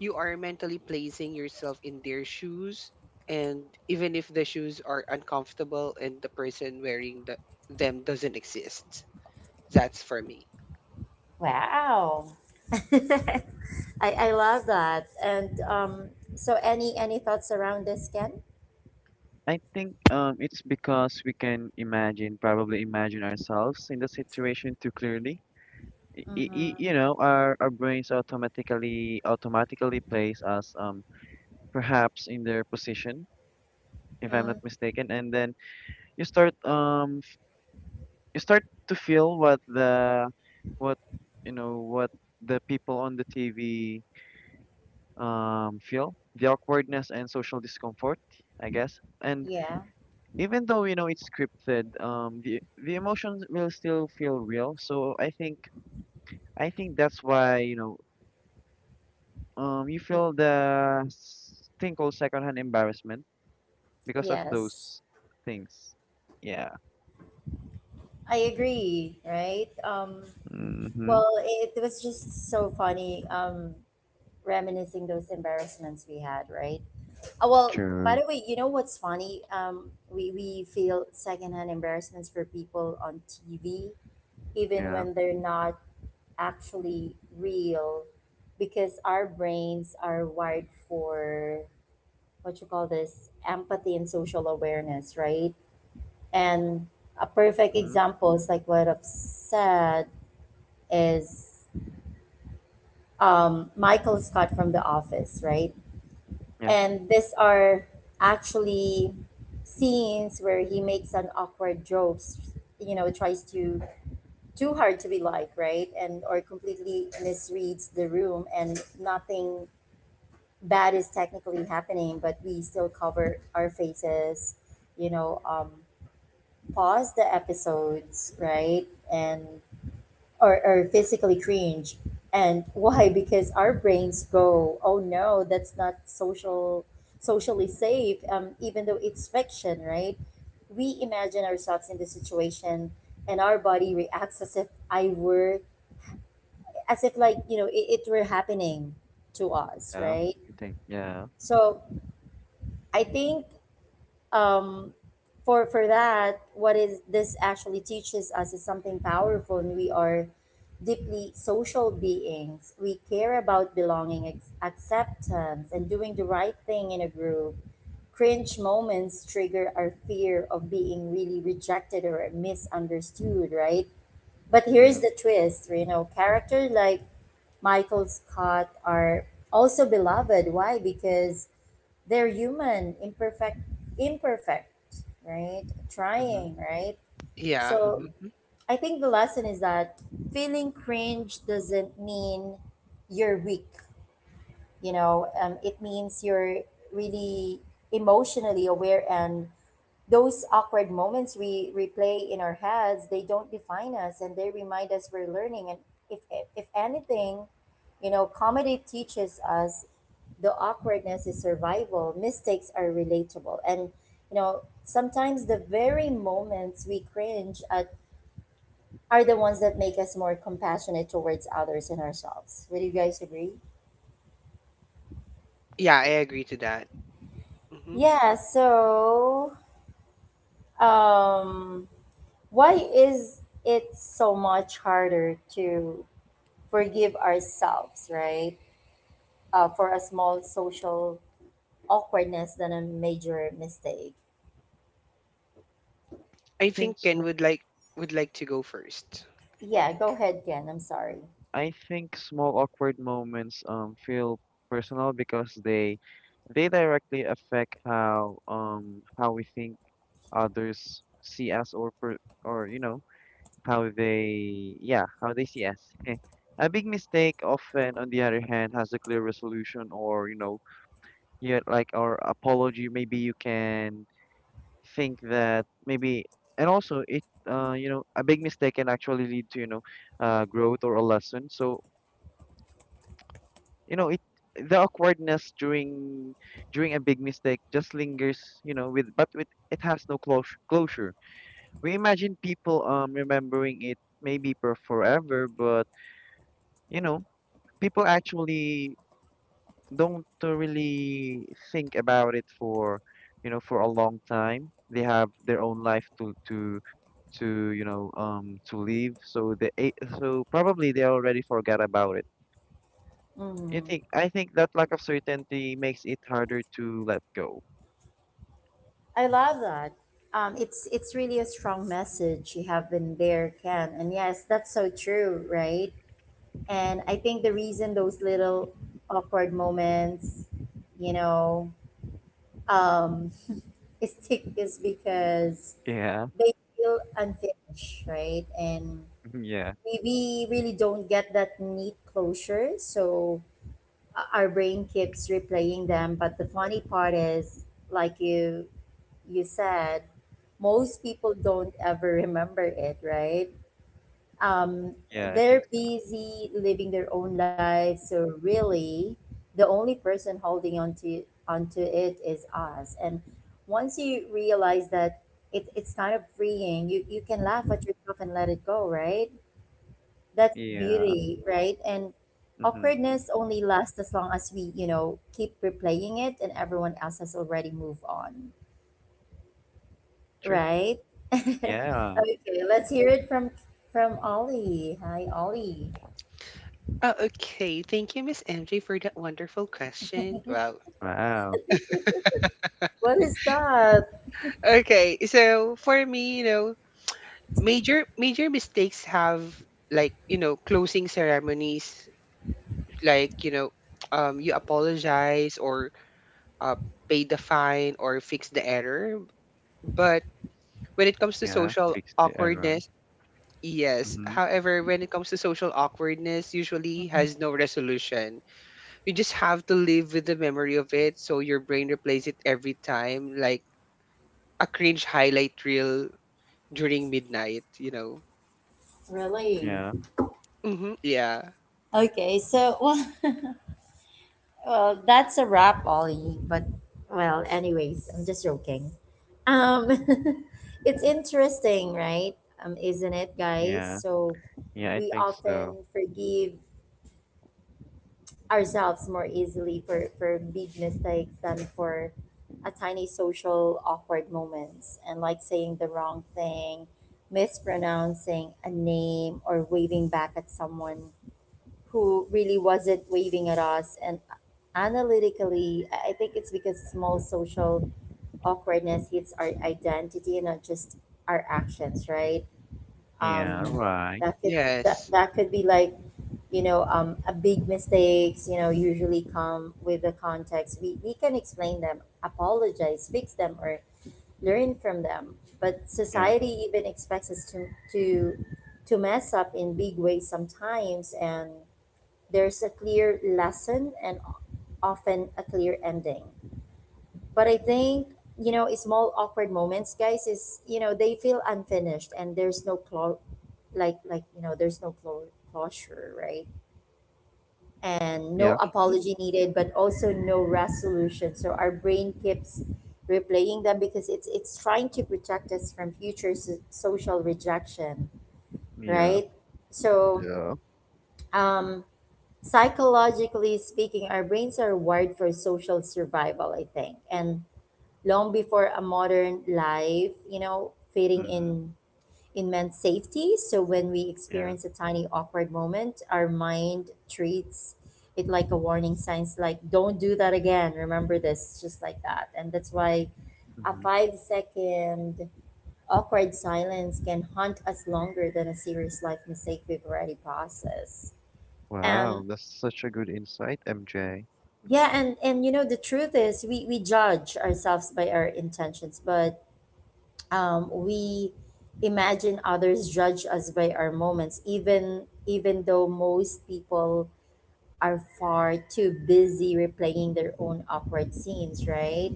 Speaker 3: You are mentally placing yourself in their shoes, and even if the shoes are uncomfortable and the person wearing them doesn't exist, that's for me.
Speaker 1: Wow. I, I love that. And so, any thoughts around this, Ken?
Speaker 2: I think It's because we can imagine, probably imagine ourselves in the situation too clearly. Y- y- y-
Speaker 1: Mm-hmm.
Speaker 2: you know, our brains automatically place us perhaps in their position, if I'm not
Speaker 1: Mm,
Speaker 2: mistaken, and then you start you start to feel what the what you know what the people on the TV feel, the awkwardness and social discomfort, I guess, and
Speaker 1: yeah.
Speaker 2: even though you know it's scripted, the emotions will still feel real. So I think that's why, you know, you
Speaker 1: Mm,
Speaker 2: feel the thing called secondhand embarrassment because of
Speaker 1: yes.
Speaker 2: those things. Yeah.
Speaker 1: I agree, right?
Speaker 2: Mm-hmm.
Speaker 1: Well, it was just so funny reminiscing those embarrassments we had, right? Well, by
Speaker 2: True.
Speaker 1: the way, you know what's funny? We feel secondhand embarrassments for people on TV, even
Speaker 2: Yeah.
Speaker 1: when they're not actually real, because our brains are wired for what you call this empathy and social awareness, right? And a perfect
Speaker 2: Mm-hmm.
Speaker 1: example is like what I've said is Michael Scott from The Office, right?
Speaker 2: Yeah.
Speaker 1: And these are actually scenes where he makes an awkward jokes, you know, tries to too hard to be like, right? And or completely misreads the room, and nothing bad is technically happening, but we still cover our faces, you know, pause the episodes, right? And or physically cringe. And why? Because our brains go, oh no, that's not social socially safe, even though it's fiction, right? We imagine ourselves in the situation and our body reacts as if I were, as if like, you know, it were happening to us,
Speaker 2: Yeah,
Speaker 1: right?
Speaker 2: you think? Yeah,
Speaker 1: So I think um for that, what is this actually teaches us is something powerful, and we are deeply social beings. We care about belonging, acceptance, and doing the right thing in a group. Cringe moments trigger our fear of being really rejected or misunderstood, right? But
Speaker 2: yeah.
Speaker 1: here's the twist, you know, characters like Michael Scott are also beloved. Why? Because they're human, imperfect, right?
Speaker 2: Mm-hmm.
Speaker 1: Trying, right?
Speaker 3: Yeah,
Speaker 1: So
Speaker 2: Mm-hmm.
Speaker 3: mhm.
Speaker 1: I think the lesson is that feeling cringe doesn't mean you're weak, you know, it means you're really emotionally aware, and those awkward moments we replay in our heads, they don't define us, and they remind us we're learning. And if anything, you know, comedy teaches us the awkwardness is survival, mistakes are relatable. And, you know, sometimes the very moments we cringe at are the ones that make us more compassionate towards others and ourselves. Would you guys agree?
Speaker 3: Yeah, I agree to that. Mm-hmm.
Speaker 1: Yeah, so um why is it so much harder to forgive ourselves, right? For a small social awkwardness than a major mistake.
Speaker 3: I
Speaker 2: think
Speaker 3: think Ken
Speaker 2: small
Speaker 3: would like to go first.
Speaker 1: Yeah, go ahead, Ken. I'm sorry.
Speaker 2: i think small awkward moments feel personal because they directly affect how we think others see us, or you know how they, yeah, how they see us. Eh. A big mistake often on the other hand has a clear resolution, or, you know, yet like our apology. Maybe you can think that maybe. And also it, you know, a big mistake can actually lead to, you know, growth or a lesson. So, you know, it, the awkwardness during a big mistake just lingers, you know, with, but with it has no closure. We imagine people, remembering it maybe for forever, but, you know, people actually don't, really think about it for, you know, for a long time. They have their own life to you know to live. So they, so probably they already forgot about it. I
Speaker 1: Mm-hmm.
Speaker 2: think I think that lack of certainty makes it harder to let go.
Speaker 1: I love that. It's really a strong message you have been there, Ken. And yes, that's so true, right? And I think the reason those little awkward moments, you know, um, stick is because
Speaker 2: Yeah.
Speaker 1: they feel unfinished, right? And
Speaker 2: Yeah,
Speaker 1: we really don't get that neat closure. So our brain keeps replaying them. But the funny part is, like you said, most people don't ever remember it, right? um,
Speaker 2: yeah. I think
Speaker 1: they're
Speaker 2: so.
Speaker 1: busy living their own lives. So really, the only person holding on to onto it is us. And once you realize that it's kind of freeing, you can laugh at yourself and let it go, right? That's the
Speaker 2: Yeah.
Speaker 1: beauty, right? And
Speaker 2: Mm-hmm.
Speaker 1: awkwardness only lasts as long as we, you know, keep replaying it, and everyone else has already moved on,
Speaker 2: True.
Speaker 1: right?
Speaker 2: Yeah.
Speaker 1: Okay, let's hear it from Ollie. Hi, Ollie.
Speaker 3: Oh, okay. Thank you, Miss MJ, for that wonderful question. Wow.
Speaker 2: Wow.
Speaker 1: What is that?
Speaker 3: Okay, so for me, major mistakes have, like, closing ceremonies, like, you apologize or, uh, pay the fine or fix the error. But when it comes to
Speaker 2: Yeah,
Speaker 3: social
Speaker 2: fix the error.
Speaker 3: awkwardness, yes.
Speaker 2: Mm-hmm.
Speaker 3: However, when it comes to social awkwardness, usually has no resolution. You just have to live with the memory of it, so your brain replays it every time like a cringe highlight reel during midnight.
Speaker 1: Really?
Speaker 2: Yeah,
Speaker 3: Mm-hmm, yeah.
Speaker 1: Okay, so well, well, that's a wrap, Ollie. But well, anyways, I'm just joking. Um, it's interesting, right? Isn't it, guys?
Speaker 2: yeah,
Speaker 1: So
Speaker 2: yeah, I
Speaker 1: we
Speaker 2: think so.
Speaker 1: often forgive ourselves more easily for big mistakes than for a tiny social awkward moments, and like saying the wrong thing, mispronouncing a name, or waving back at someone who really wasn't waving at us. And analytically, I think it's because small social awkwardness hits our identity and not just our actions, right?
Speaker 2: Yeah,
Speaker 1: Um,
Speaker 2: right.
Speaker 1: that could
Speaker 3: Yes.
Speaker 1: that could be like you know a big mistakes you know usually come with the context, we can explain them, apologize, fix them, or learn from them, but
Speaker 2: Yeah,
Speaker 1: society even expects us to to to mess up in big ways sometimes, and there's a clear lesson and often a clear ending. But I think, small awkward moments, guys, is, they feel unfinished and there's no like there's no clo- closure, right? And no
Speaker 2: yeah,
Speaker 3: Hmm.
Speaker 1: apology needed, but also no resolution, so our brain keeps replaying them because it's trying to protect us from social rejection,
Speaker 2: yeah,
Speaker 1: right? so
Speaker 2: yeah.
Speaker 1: um Psychologically speaking, our brains are wired for social survival, I think. And long before a modern life, fitting in
Speaker 2: Mm-hmm.
Speaker 1: in meant safety. So when we
Speaker 2: Yeah.
Speaker 1: experience a tiny awkward moment, our mind treats it like a warning signs like don't do that again. Remember this, just like that. And that's why a
Speaker 2: Mm-hmm.
Speaker 1: 5 second awkward silence can haunt us longer than a serious life mistake we've already processed. And
Speaker 2: Wow, that's such a good insight, MJ.
Speaker 1: yeah, and you know, the truth is we judge ourselves by our intentions, but we imagine others judge us by our moments, even though most people are far too busy replaying their own awkward scenes, right?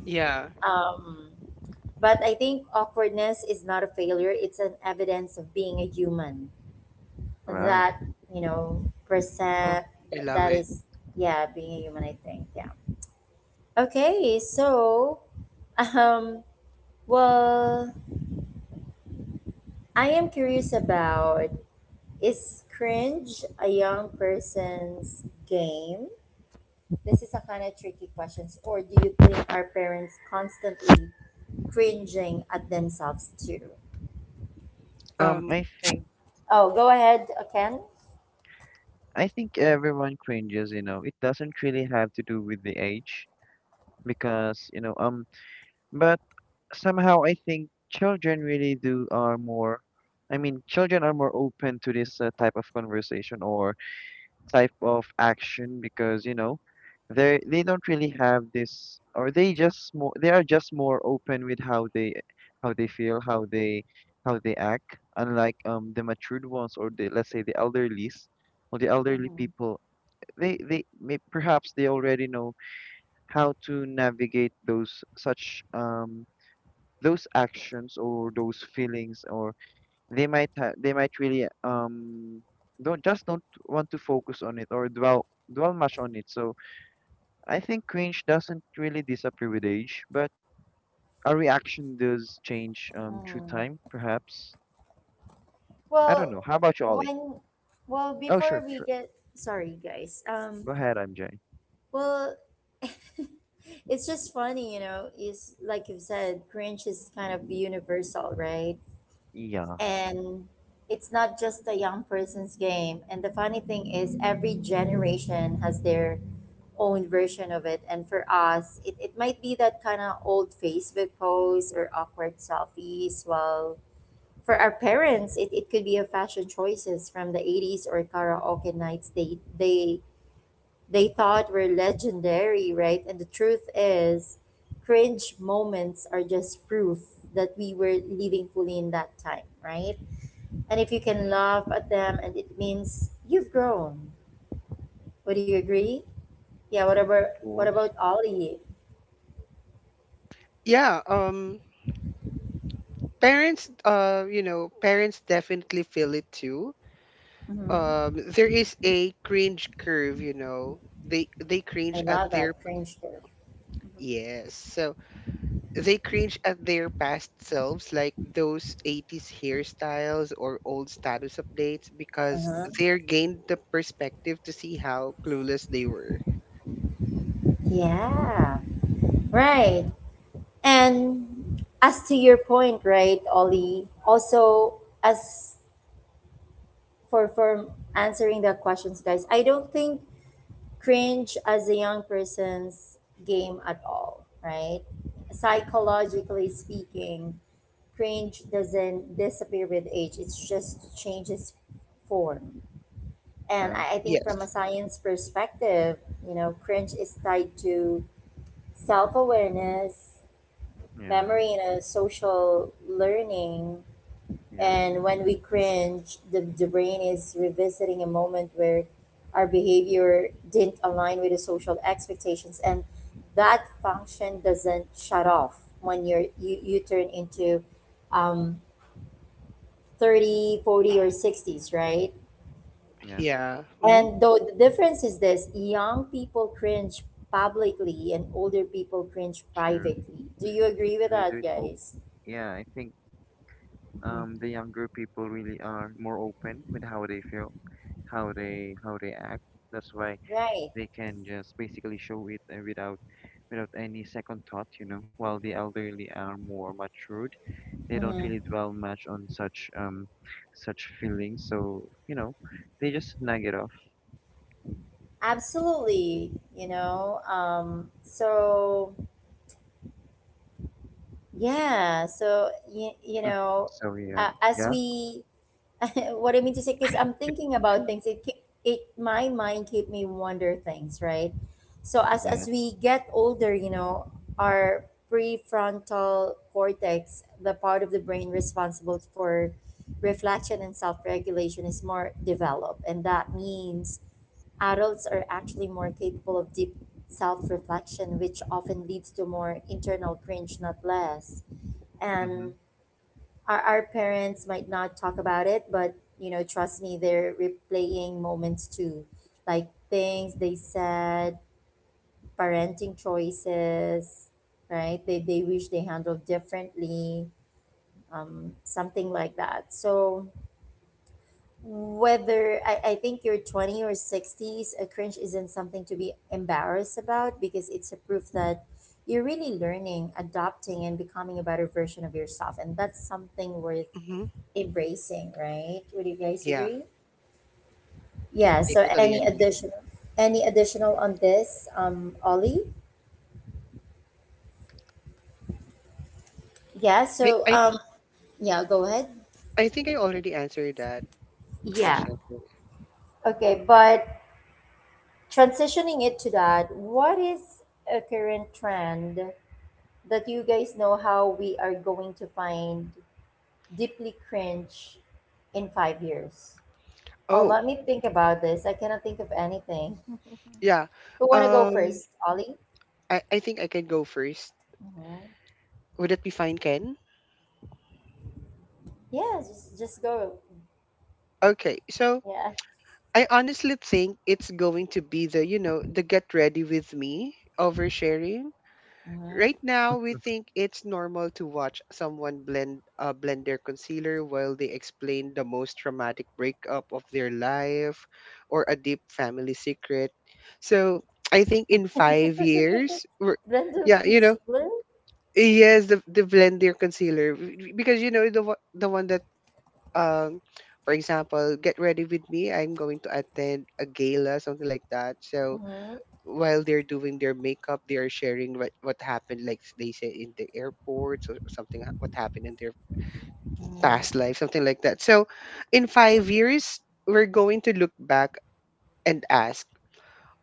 Speaker 3: Yeah.
Speaker 1: Um but I think awkwardness is not a failure, it's an evidence of being a human.
Speaker 2: Wow.
Speaker 1: That, you know,
Speaker 3: Oh,
Speaker 1: percent
Speaker 3: I
Speaker 1: that,
Speaker 3: love
Speaker 1: that
Speaker 3: it.
Speaker 1: is yeah, being a human I think. Yeah. Okay, so Um, well, I am curious about is cringe a young person's game? This is a kind of tricky question. Or do you think our parents constantly cringing at themselves too?
Speaker 2: Um,
Speaker 3: um
Speaker 2: I think
Speaker 1: Oh, go ahead, Ken.
Speaker 2: I think everyone cringes, you know. It doesn't really have to do with the age because, you know, but somehow I think children really do are more, I mean, children are more open to this type of conversation or type of action because, you know, they don't really have this, or they just more, they are just more open with how they feel, how they act, unlike the matured ones, or, the let's say, the elderlies or the elderly
Speaker 1: Mm-hmm.
Speaker 2: people. They may perhaps they already know how to navigate those such those actions or those feelings, or they might they might really don't just don't want to focus on it or dwell much on it. So I think cringe doesn't really disappear with age, but our reaction does change through
Speaker 1: Mm.
Speaker 2: time, perhaps. I don't
Speaker 1: Well,
Speaker 2: know. How about you, Ollie?
Speaker 1: when well
Speaker 2: Oh,
Speaker 1: before
Speaker 2: sure,
Speaker 1: we
Speaker 2: sure.
Speaker 1: get sorry guys.
Speaker 2: Go ahead, MJ.
Speaker 1: Well, it's just funny, you know. It's like you said, cringe is kind of universal, right?
Speaker 2: Yeah.
Speaker 1: And it's not just a young person's game. And the funny thing is, every generation has their own version of it. And for us, it might be that kind of old Facebook posts or awkward selfies. Well, for our parents, it could be a fashion choices from the 80s or karaoke nights they thought were legendary, right? And the truth is, cringe moments are just proof that we were living fully in that time, right? And if you can
Speaker 2: Mm-hmm. Of
Speaker 1: laugh at them, and it means you've grown. Would you agree? Yeah. What
Speaker 2: course.
Speaker 1: about Ollie?
Speaker 3: yeah, parents you know parents definitely feel it too.
Speaker 1: Mm-hmm.
Speaker 3: There is a cringe curve. They cringe
Speaker 1: I
Speaker 3: at
Speaker 1: love
Speaker 3: their
Speaker 1: that cringe term.
Speaker 3: yes so they cringe at their past selves, like those 80s hairstyles or old status updates, because
Speaker 1: Uh-huh.
Speaker 3: they're gained the perspective to see how clueless they were.
Speaker 1: Yeah. Right. And as to your point, right, Ollie, also as for answering the questions, guys, I don't think cringe as a young person's game at all, right? Psychologically speaking, cringe doesn't disappear with age, it's just changes form. And
Speaker 2: Yeah.
Speaker 1: I think from a
Speaker 3: Yes.
Speaker 1: science perspective, you know, cringe is tied to self awareness,
Speaker 2: Yeah.
Speaker 1: memory, and social learning,
Speaker 2: Yeah.
Speaker 1: and when we cringe, the brain is revisiting a moment where our behavior didn't align with the social expectations. And that function doesn't shut off when you turn into um, 30, 40, or 60s, right?
Speaker 2: Yeah.
Speaker 3: Yeah. Mm-hmm.
Speaker 1: And though the difference is this young people cringe publicly and older people cringe
Speaker 2: Sure.
Speaker 1: privately. Do you agree with
Speaker 2: They
Speaker 1: that,
Speaker 2: do it. Oh,
Speaker 1: guys?
Speaker 2: yeah. I think
Speaker 1: Mm.
Speaker 2: the younger people really are more open with how they feel, how they act. That's why
Speaker 1: Right.
Speaker 2: they can just basically show it, without without any second thought, you know. While the elderly are more matured, they don't
Speaker 1: Mhm.
Speaker 2: really dwell much on such such feelings. So, you know, they just nag it off.
Speaker 1: Absolutely, you know. So yeah, so
Speaker 2: So
Speaker 1: uh,
Speaker 2: yeah,
Speaker 1: as
Speaker 2: yeah,
Speaker 1: we, what I mean to say, because I'm thinking about things, it keep, it my mind keep me wonder things, right? So as
Speaker 2: yeah,
Speaker 1: we get older, you know, our prefrontal cortex, the part of the brain responsible for reflection and self-regulation, is more developed, and that means adults are actually more capable of deep self reflection, which often leads to more internal cringe, not less. And
Speaker 2: mm-hmm,
Speaker 1: our parents might not talk about it, but you know, trust me, they're replaying moments too, like things they said, parenting choices, right? They wish they handled differently, something like that. So, whether I think your 20 or 60s, a cringe isn't something to be embarrassed about because it's a proof that you're really learning, adopting, and becoming a better version of yourself. And that's something worth
Speaker 3: Mm-hmm.
Speaker 1: embracing, right? Would you guys
Speaker 3: Yeah.
Speaker 1: agree? Yeah.
Speaker 3: I
Speaker 1: So
Speaker 3: totally agree.
Speaker 1: any additional on this, Ollie? Yeah.
Speaker 3: I,
Speaker 1: So,
Speaker 3: I,
Speaker 1: yeah, go ahead.
Speaker 3: I think I already answered that
Speaker 1: Yeah.
Speaker 3: question.
Speaker 1: Okay. But transitioning it to that, what is a current trend that you guys know how we are going to find deeply cringe in 5 years. Oh,
Speaker 3: Oh,
Speaker 1: let me think about this. I cannot think of anything.
Speaker 3: yeah.
Speaker 1: Who want to go
Speaker 3: Um,
Speaker 1: first, Ollie?
Speaker 3: I think I can go first.
Speaker 1: Mm-hmm.
Speaker 3: Would that be fine, Ken?
Speaker 1: Yeah, just go.
Speaker 3: Okay, so
Speaker 1: Yeah.
Speaker 3: I honestly think it's going to be the get ready with me oversharing.
Speaker 1: Mm-hmm.
Speaker 3: Right now, we think it's normal to watch someone blend their concealer while they explain the most traumatic breakup of their life or a deep family secret. So I think in 5 years, we're,
Speaker 1: Blended
Speaker 3: yeah, you know,
Speaker 1: concealer.
Speaker 3: yes, the blend their because the one that, um, for example, get ready with me. I'm going to attend a gala, something like that. So
Speaker 1: Mm-hmm.
Speaker 3: while they're doing their makeup, they are sharing what happened, like, they say in the airports or something, what happened in their
Speaker 1: Mm-hmm.
Speaker 3: past life, something like that. So, in 5 years, we're going to look back and ask,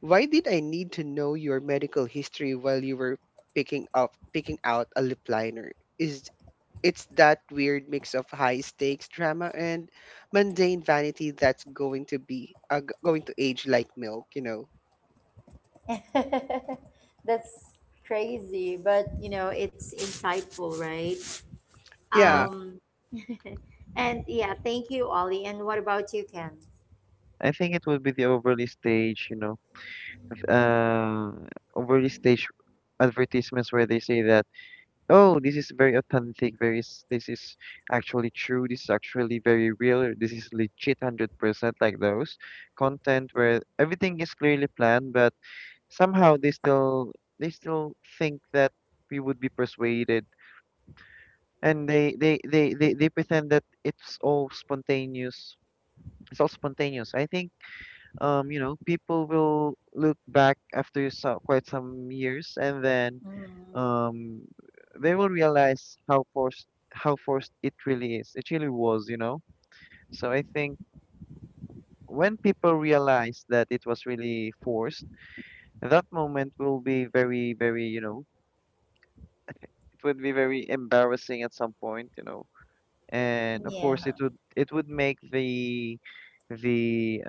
Speaker 3: why did I need to know your medical history while you were picking out a lip liner? Is It's that weird mix of high stakes drama and mundane vanity that's going to be, going to age like milk, you know?
Speaker 1: That's crazy, but you know it's insightful, right?
Speaker 2: yeah.
Speaker 3: Yeah.
Speaker 1: Um, and yeah, thank you, Ollie. And what about you, Ken?
Speaker 2: I think it would be the overly stage, you know, if, overly stage advertisements where they say that, oh, this is very authentic. Very, this is actually true. This is actually very real. This is legit 100% like those content where everything is clearly planned, but somehow they still they still think that we would be persuaded, and they pretend that it's all spontaneous. It's all spontaneous. I think, you know, people will look back after so, quite some years, and then,
Speaker 1: Mm-hmm.
Speaker 2: um, they will realize how forced it really is. It really was, you know. So I think when people realize that it was really forced, that moment will be very, very, you know, it would be very embarrassing at some point, you know. And of course
Speaker 1: Yeah,
Speaker 2: it would make the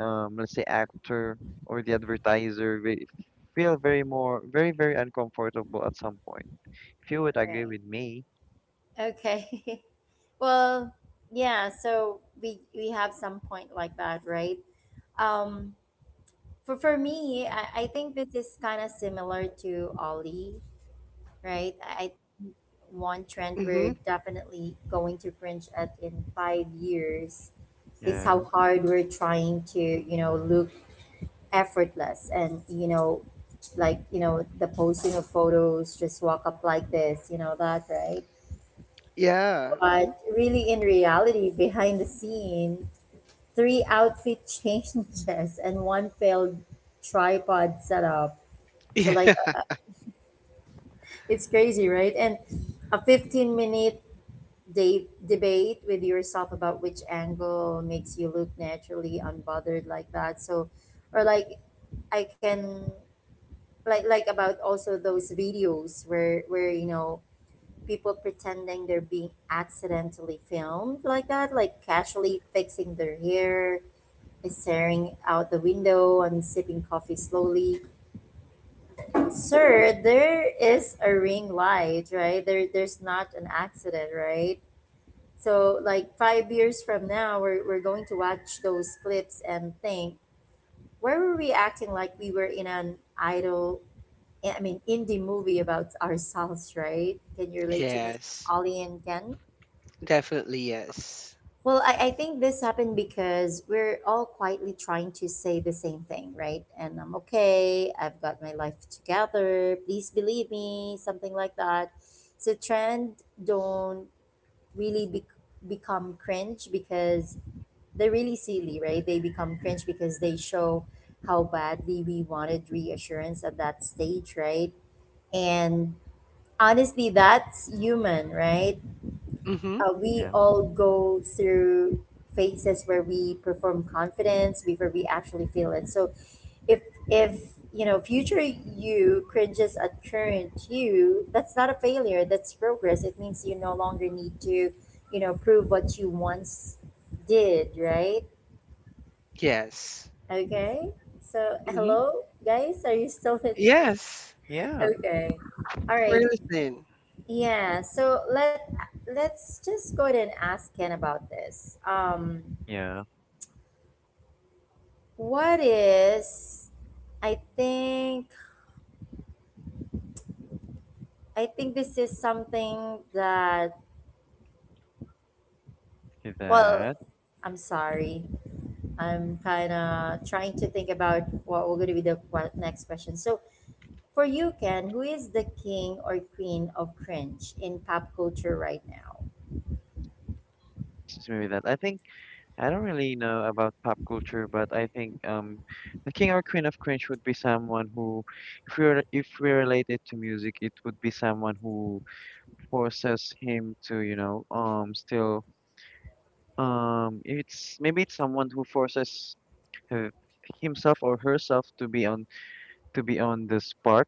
Speaker 2: let's say actor or the advertiser feel very more very very uncomfortable at some point, if you would agree
Speaker 1: right.
Speaker 2: with me.
Speaker 1: Okay. Well, yeah, so we have some point like that, right? Um for me, I think this is kind of similar to Ollie, right? I One trend
Speaker 3: Mm-hmm.
Speaker 1: we're definitely going to cringe at in 5 years is
Speaker 2: Yeah,
Speaker 1: how hard we're trying to, you know, look effortless and, you know, like, you know, the posting of photos, just walk up like this, you know, that, right?
Speaker 3: Yeah. Mm-hmm.
Speaker 1: But really, in reality, behind the scene, three outfit changes and one failed tripod setup. So
Speaker 3: Yeah.
Speaker 1: like it's crazy, right? And a 15 minute debate with yourself about which angle makes you look naturally unbothered like that. So or like I can about also those videos where you know people pretending they're being accidentally filmed like that, like casually fixing their hair staring out the window and sipping coffee slowly. Sir, there is a ring light, right? There's not an accident, right? So, like 5 years from now, we're going to watch those clips and think, where were we acting like we were in an idol, I mean, indie movie about ourselves, right? Can you relate to me,
Speaker 3: Yes.
Speaker 1: Ollie and Ken?
Speaker 3: Definitely yes.
Speaker 1: Well, I think this happened because we're all quietly trying to say the same thing, right? And I'm okay. I've got my life together. Please believe me, something like that. So trend don't really be- become cringe because they're really silly, right? They become cringe because they show how badly we wanted reassurance at that stage, right? And honestly, that's human, right?
Speaker 3: Mm-hmm.
Speaker 1: We
Speaker 2: yeah,
Speaker 1: all go through phases where we perform confidence before we actually feel it. So if if you know, future you cringes at current you, that's not a failure. That's progress. It means you no longer need to, you know, prove what you once did. Right?
Speaker 3: Yes.
Speaker 1: Okay. So
Speaker 3: Mm-hmm.
Speaker 1: hello guys, are you still listening?
Speaker 3: Yes.
Speaker 2: yeah,
Speaker 1: Okay. All
Speaker 3: We're
Speaker 1: right.
Speaker 3: listening.
Speaker 1: Yeah. So let's just go ahead and ask Ken about this.
Speaker 2: yeah.
Speaker 1: What is I think I think this is something that
Speaker 2: With
Speaker 1: well
Speaker 2: that,
Speaker 1: I'm sorry. I'm kind of trying to think about what we're going to be the next question. So, for you Ken, who is the king or queen of cringe in pop culture right now?
Speaker 2: excuse me, with that I don't really know about pop culture, but I think the king or queen of cringe would be someone who, if we relate it to music, it would be someone who forces him to you know still it's maybe it's someone who forces her, himself or herself to be on the spark,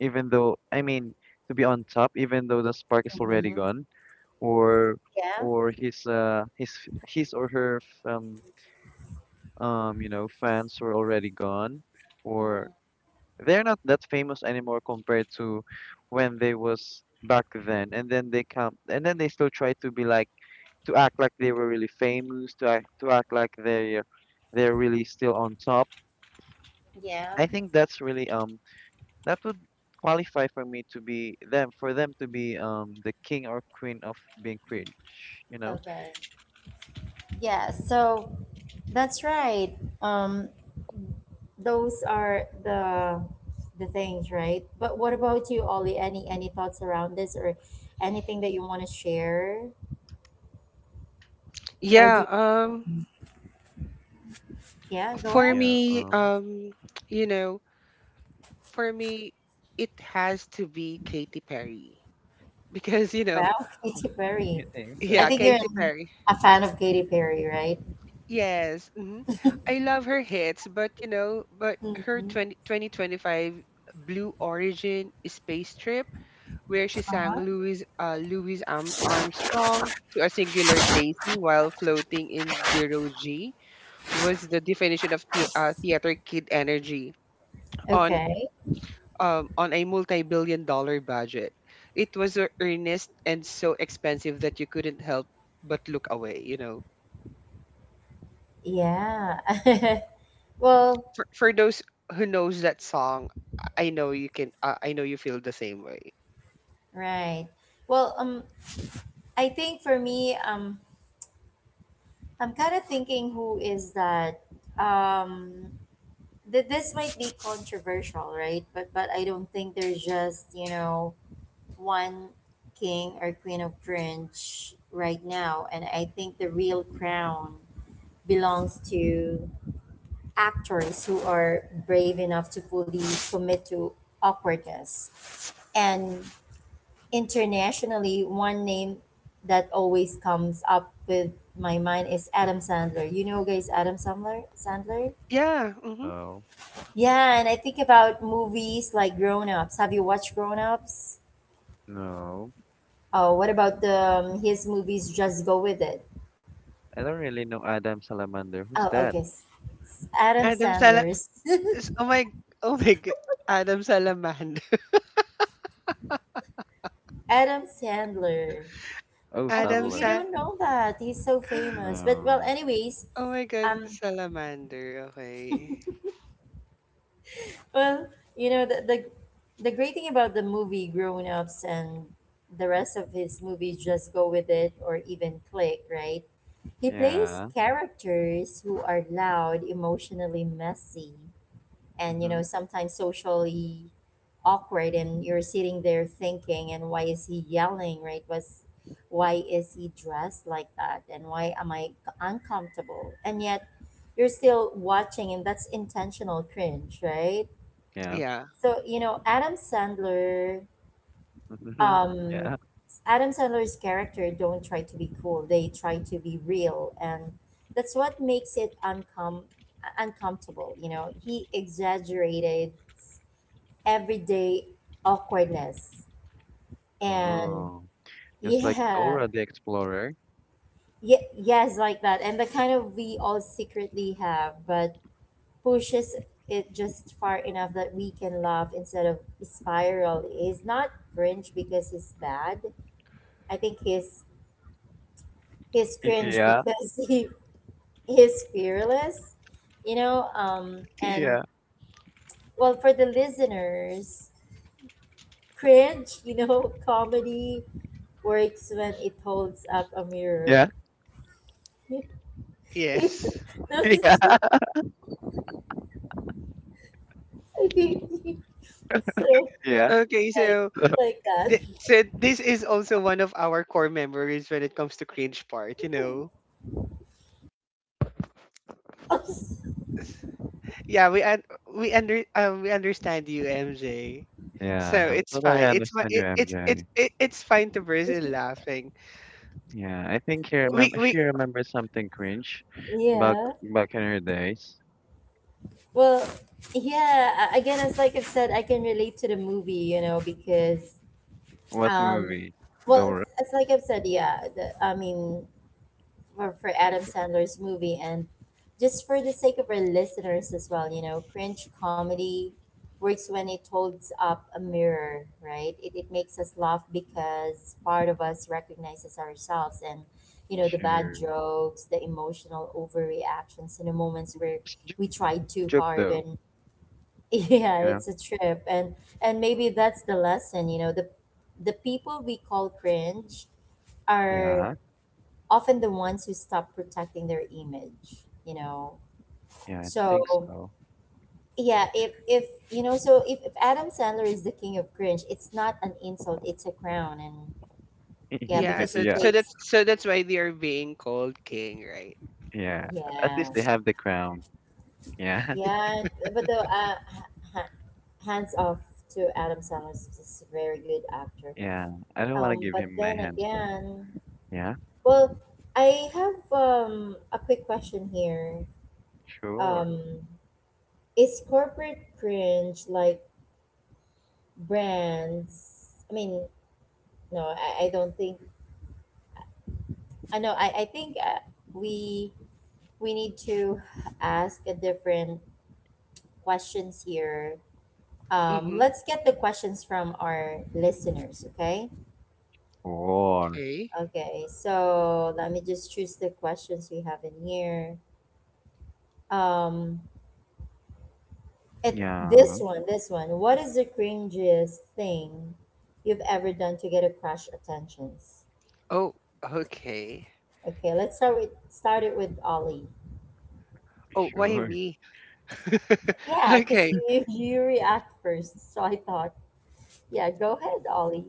Speaker 2: even though, I mean, to be on top, even though the spark is already
Speaker 1: Mm-hmm.
Speaker 2: gone, or
Speaker 1: Yeah.
Speaker 2: or his his or her you know, fans were already gone, or
Speaker 1: Mm,
Speaker 2: they're not that famous anymore compared to when they was back then, and then they come and then they still try to be like to act like they were really famous, to act like they're really still on top.
Speaker 1: yeah.
Speaker 2: I think that's really that would qualify for me to be them, for them to be the king or queen of being cringe, you know?
Speaker 1: Okay. Yeah, so that's right. Um those are the things, right? But what about you, Ollie? Any thoughts around this or anything that you want to share? Or do
Speaker 3: Yeah.
Speaker 1: you, yeah, go
Speaker 3: For
Speaker 1: ahead.
Speaker 2: Yeah,
Speaker 3: me, you know, for me, it has to be Katy Perry because,
Speaker 1: Wow, Katy
Speaker 2: y-
Speaker 1: Perry.
Speaker 2: you think
Speaker 1: I think
Speaker 3: yeah,
Speaker 2: so?
Speaker 1: you're
Speaker 3: Katy Perry.
Speaker 1: a fan of Katy Perry, right?
Speaker 3: Yes. I love her hits, but her
Speaker 1: Hmm.
Speaker 3: 20 2025 Blue Origin Space Trip where she sang
Speaker 1: Uh-huh.
Speaker 3: Louis Armstrong to a singular daisy while floating in zero G was the definition of theater kid energy on,
Speaker 1: Okay.
Speaker 3: on a multi-billion dollar budget. It was so earnest and so expensive that you couldn't help but look away.
Speaker 1: Yeah. well,
Speaker 3: For those who knows that song, I know you can. I know you feel the same way.
Speaker 1: right. Well, I think for me, I'm kind of thinking who is that? Um, this might be controversial, right? But I don't think there's just you know one king or queen of cringe right now, and I think the real crown belongs to actors who are brave enough to fully commit to awkwardness. And internationally, one name that always comes up with my mind is Adam Sandler. You know, guys, Adam Sandler.
Speaker 3: Yeah. Hmm.
Speaker 2: Oh
Speaker 1: Yeah, and I think about movies like Grown Ups. Have you watched Grown Ups?
Speaker 2: no.
Speaker 1: Oh, what about the his movies? Just Go With It.
Speaker 2: I don't really know Adam Salamander. Who's
Speaker 1: Oh,
Speaker 2: that?
Speaker 1: okay. Adam
Speaker 3: Adam Sala.
Speaker 1: Sandler's.
Speaker 3: Is- Oh my. Oh my. God. Adam Salaman.
Speaker 1: Adam Sandler.
Speaker 2: Oh,
Speaker 1: Oh,
Speaker 3: Adam
Speaker 1: you
Speaker 2: Sandler.
Speaker 3: Sa
Speaker 1: don't know that. He's so famous. But well,
Speaker 2: No.
Speaker 1: anyways,
Speaker 3: Oh my god,
Speaker 1: um,
Speaker 3: salamander. Okay.
Speaker 1: well, you know the the great thing about the movie Grown Ups and the rest of his movies just go with it or even click, right? He plays
Speaker 2: Yeah.
Speaker 1: characters who are loud, emotionally messy, and you
Speaker 2: Mm-hmm.
Speaker 1: know, sometimes socially awkward, and you're sitting there thinking and why is he yelling, right? Was Why is he dressed like that and why am I uncomfortable? And yet you're still watching and that's intentional cringe, right?
Speaker 2: Yeah.
Speaker 3: Yeah.
Speaker 1: So, you know, Adam Sandler, um,
Speaker 2: Yeah.
Speaker 1: Adam Sandler's character don't try to be cool. They try to be real, and that's what makes it uncomfortable. You know, he exaggerated everyday awkwardness, and
Speaker 2: Oh. Just like
Speaker 1: yeah,
Speaker 2: Dora the Explorer.
Speaker 1: yeah, yes, like that, and the kind of we all secretly have, but pushes it just far enough that we can laugh instead of spiral. He's not cringe because he's bad. I think he's
Speaker 2: Y-
Speaker 1: cringe
Speaker 2: Yeah.
Speaker 1: because he is fearless, you know. And
Speaker 2: Yeah.
Speaker 1: well, for the listeners, cringe, you know, comedy works when it holds up a mirror.
Speaker 2: Yeah.
Speaker 3: Yes.
Speaker 1: No, it's just-
Speaker 2: Yeah.
Speaker 1: so
Speaker 2: Yeah.
Speaker 3: Okay,
Speaker 1: yeah, it's
Speaker 3: so
Speaker 2: So
Speaker 1: like that.
Speaker 3: so this is also one of our core memories when it comes to cringe part, Yeah, we understand you, MJ.
Speaker 2: yeah,
Speaker 3: So
Speaker 2: I
Speaker 3: it's
Speaker 2: totally
Speaker 3: fine. It's fi-
Speaker 2: understand you,
Speaker 3: it, it's
Speaker 2: MJ.
Speaker 3: it, it's fine to burst in laughing.
Speaker 2: Yeah, I think he remember
Speaker 3: We
Speaker 2: she remembers something cringe back
Speaker 1: yeah.
Speaker 2: back in her days.
Speaker 1: Well, yeah. Again, as like I've said, I can relate to the movie, you know, because
Speaker 2: What
Speaker 1: Um,
Speaker 2: movie?
Speaker 1: well,
Speaker 2: Dora?
Speaker 1: it's like I've said, yeah. I mean, for Adam Sandler's movie, and just for the sake of our listeners as well, you know, cringe comedy works when it holds up a mirror, right? It makes us laugh because part of us recognizes ourselves and, you know, the bad
Speaker 2: Sure.
Speaker 1: jokes, the emotional overreactions in the moments where
Speaker 2: It's a joke,
Speaker 1: we tried too
Speaker 2: joke
Speaker 1: hard.
Speaker 2: though,
Speaker 1: And yeah,
Speaker 2: you know?
Speaker 1: it's a trip, and maybe that's the lesson, you know, the people we call cringe are
Speaker 2: Yeah,
Speaker 1: often the ones who stop protecting their image, you know.
Speaker 2: yeah, I think
Speaker 1: So,
Speaker 2: so.
Speaker 1: yeah, if you know, so if Adam Sandler is the king of cringe, it's not an insult, it's a crown, and yeah,
Speaker 3: Yeah.
Speaker 1: because
Speaker 3: So
Speaker 1: it
Speaker 2: Yeah,
Speaker 3: so
Speaker 1: takes
Speaker 3: that's so that's why they are being called king, right?
Speaker 2: yeah. At least
Speaker 1: yeah.
Speaker 2: they have the crown. Yeah.
Speaker 1: Yeah, but the ha- hands off to Adam Sandler is just a very good actor.
Speaker 2: Yeah. I don't want to give
Speaker 1: But
Speaker 2: him my
Speaker 1: then
Speaker 2: hands though.
Speaker 1: again,
Speaker 2: Yeah,
Speaker 1: well, I have a quick question here.
Speaker 2: sure.
Speaker 1: Um, is corporate cringe like brands? I mean, no, I don't think. I know. I think we we need to ask a different questions here.
Speaker 3: Mm-hmm.
Speaker 1: Let's get the questions from our listeners. Okay.
Speaker 2: Or,
Speaker 3: Okay.
Speaker 1: Okay. So let me just choose the questions we have in here. Um, It
Speaker 2: yeah,
Speaker 1: this one, this one. What is the cringiest thing you've ever done to get a crush attentions?
Speaker 3: Oh, okay.
Speaker 1: Okay, let's start it with Ollie.
Speaker 3: Oh, why
Speaker 2: sure.
Speaker 3: me?
Speaker 1: Yeah, because
Speaker 3: Okay,
Speaker 1: you react first, so I thought, yeah, go ahead, Ollie.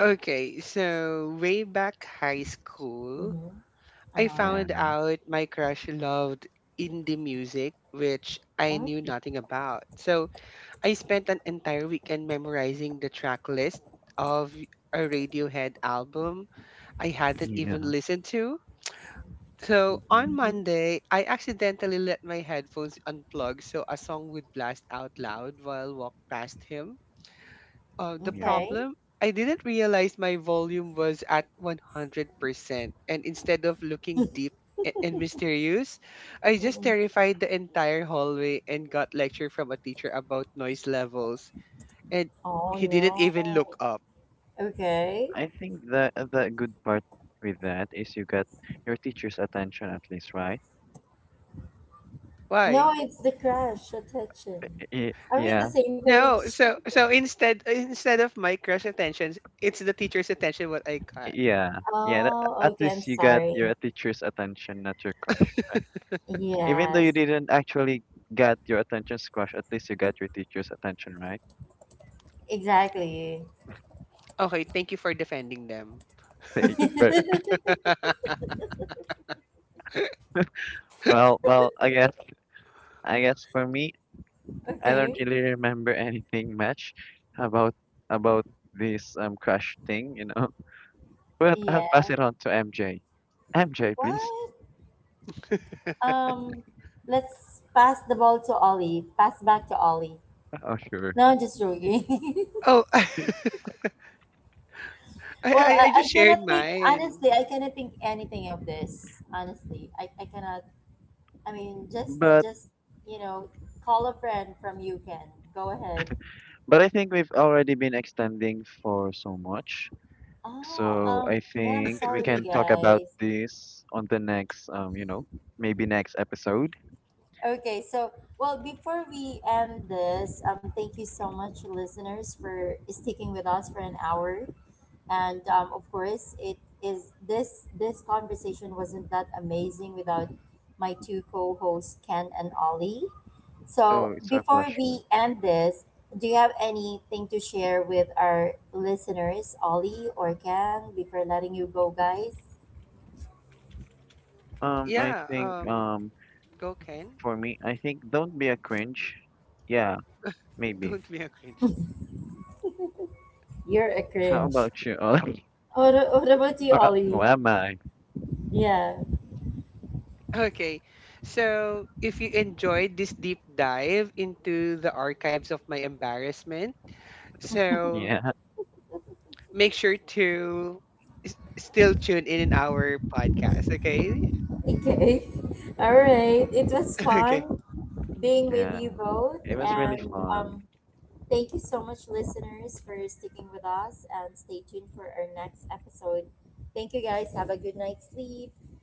Speaker 3: okay. So way back high school,
Speaker 1: Mm-hmm.
Speaker 3: I
Speaker 1: Uh-huh.
Speaker 2: Yeah,
Speaker 3: found out my crush loved indie music, which I
Speaker 1: Oh,
Speaker 3: knew nothing about. So I spent an entire weekend memorizing the track list of a Radiohead album I hadn't even
Speaker 2: yeah,
Speaker 3: listened to. So
Speaker 2: hmm,
Speaker 3: on
Speaker 1: mhm.
Speaker 3: Monday, I accidentally let my headphones unplug so a song would blast out loud while walk past him. The
Speaker 2: yeah.
Speaker 1: Okay.
Speaker 3: problem, I didn't realize my volume was at 100%, and instead of looking deep and mysterious, I just
Speaker 1: Mm-mm.
Speaker 3: terrified the entire hallway and got lecture from a teacher about noise levels, and
Speaker 1: Oh
Speaker 3: he didn't even
Speaker 1: no.
Speaker 3: look up.
Speaker 1: Okay.
Speaker 2: I think the good part with that is you got your teacher's attention at least, right?
Speaker 1: No,
Speaker 3: Why?
Speaker 1: it's the crush attention.
Speaker 2: Y-
Speaker 1: Are we in the
Speaker 2: Yeah,
Speaker 1: same page?
Speaker 3: No, so instead of my crush attention, it's the teacher's attention what I got.
Speaker 2: yeah, yeah. Tha-
Speaker 1: Oh,
Speaker 2: at
Speaker 1: okay. I'm
Speaker 2: least you got
Speaker 1: sorry.
Speaker 2: your teacher's attention, not your crush, right? Even though you
Speaker 1: Yes,
Speaker 2: didn't actually get your attention, crush, at least you got your teacher's attention, right?
Speaker 1: exactly.
Speaker 3: Okay, thank you for defending them.
Speaker 2: Y- right. Well, I guess for me, I don't
Speaker 1: Okay.
Speaker 2: really remember anything much about about this crush thing, you know. But I'll pass
Speaker 1: Yeah.
Speaker 2: it on to MJ. MJ, please.
Speaker 1: What? Um, let's pass the ball to Ollie. Pass back to Ollie.
Speaker 2: Oh, sure.
Speaker 1: No, I'm just joking.
Speaker 3: Oh, I,
Speaker 1: well,
Speaker 3: I I
Speaker 1: I
Speaker 3: just
Speaker 1: cannot
Speaker 3: shared
Speaker 1: think,
Speaker 3: mine.
Speaker 1: honestly, I cannot think anything of this. Honestly, I cannot, I mean,
Speaker 2: But
Speaker 1: just, you know, call a friend from you can. Go ahead.
Speaker 2: I think we've already been extending for so much.
Speaker 1: Oh,
Speaker 2: So I
Speaker 1: yeah, I'm
Speaker 2: think we
Speaker 1: sorry,
Speaker 2: can talk about
Speaker 1: guys.
Speaker 2: this on the next, you know, maybe next episode.
Speaker 1: Okay, so well, before we end this, thank you so much, listeners, for sticking with us for an hour. And of course, it is this conversation wasn't that amazing without my two co-hosts, Ken and Ollie. So
Speaker 2: Oh, it's our
Speaker 1: before we
Speaker 2: pleasure.
Speaker 1: end this, do you have anything to share with our listeners, Ollie or Ken, before letting you go, guys?
Speaker 2: I
Speaker 3: Yeah,
Speaker 2: think
Speaker 3: go, Ken.
Speaker 2: For me, I think don't be a cringe. Yeah, maybe.
Speaker 3: Don't be a cringe.
Speaker 1: You're a
Speaker 2: How
Speaker 1: cringe.
Speaker 2: about you?
Speaker 1: What about you,
Speaker 2: Oh, or, oh,
Speaker 1: Ollie?
Speaker 2: am I?
Speaker 1: Yeah.
Speaker 3: Okay. So, if you enjoyed this deep dive into the archives of my embarrassment, so
Speaker 2: Yeah,
Speaker 3: make sure to still tune in our podcast, okay?
Speaker 1: Okay. All right. It was
Speaker 3: Okay.
Speaker 1: fun being with
Speaker 2: yeah.
Speaker 1: you both.
Speaker 2: It was really
Speaker 1: And
Speaker 2: fun.
Speaker 1: thank you so much, listeners, for sticking with us. And stay tuned for our next episode. Thank you, guys. Have a good night's sleep.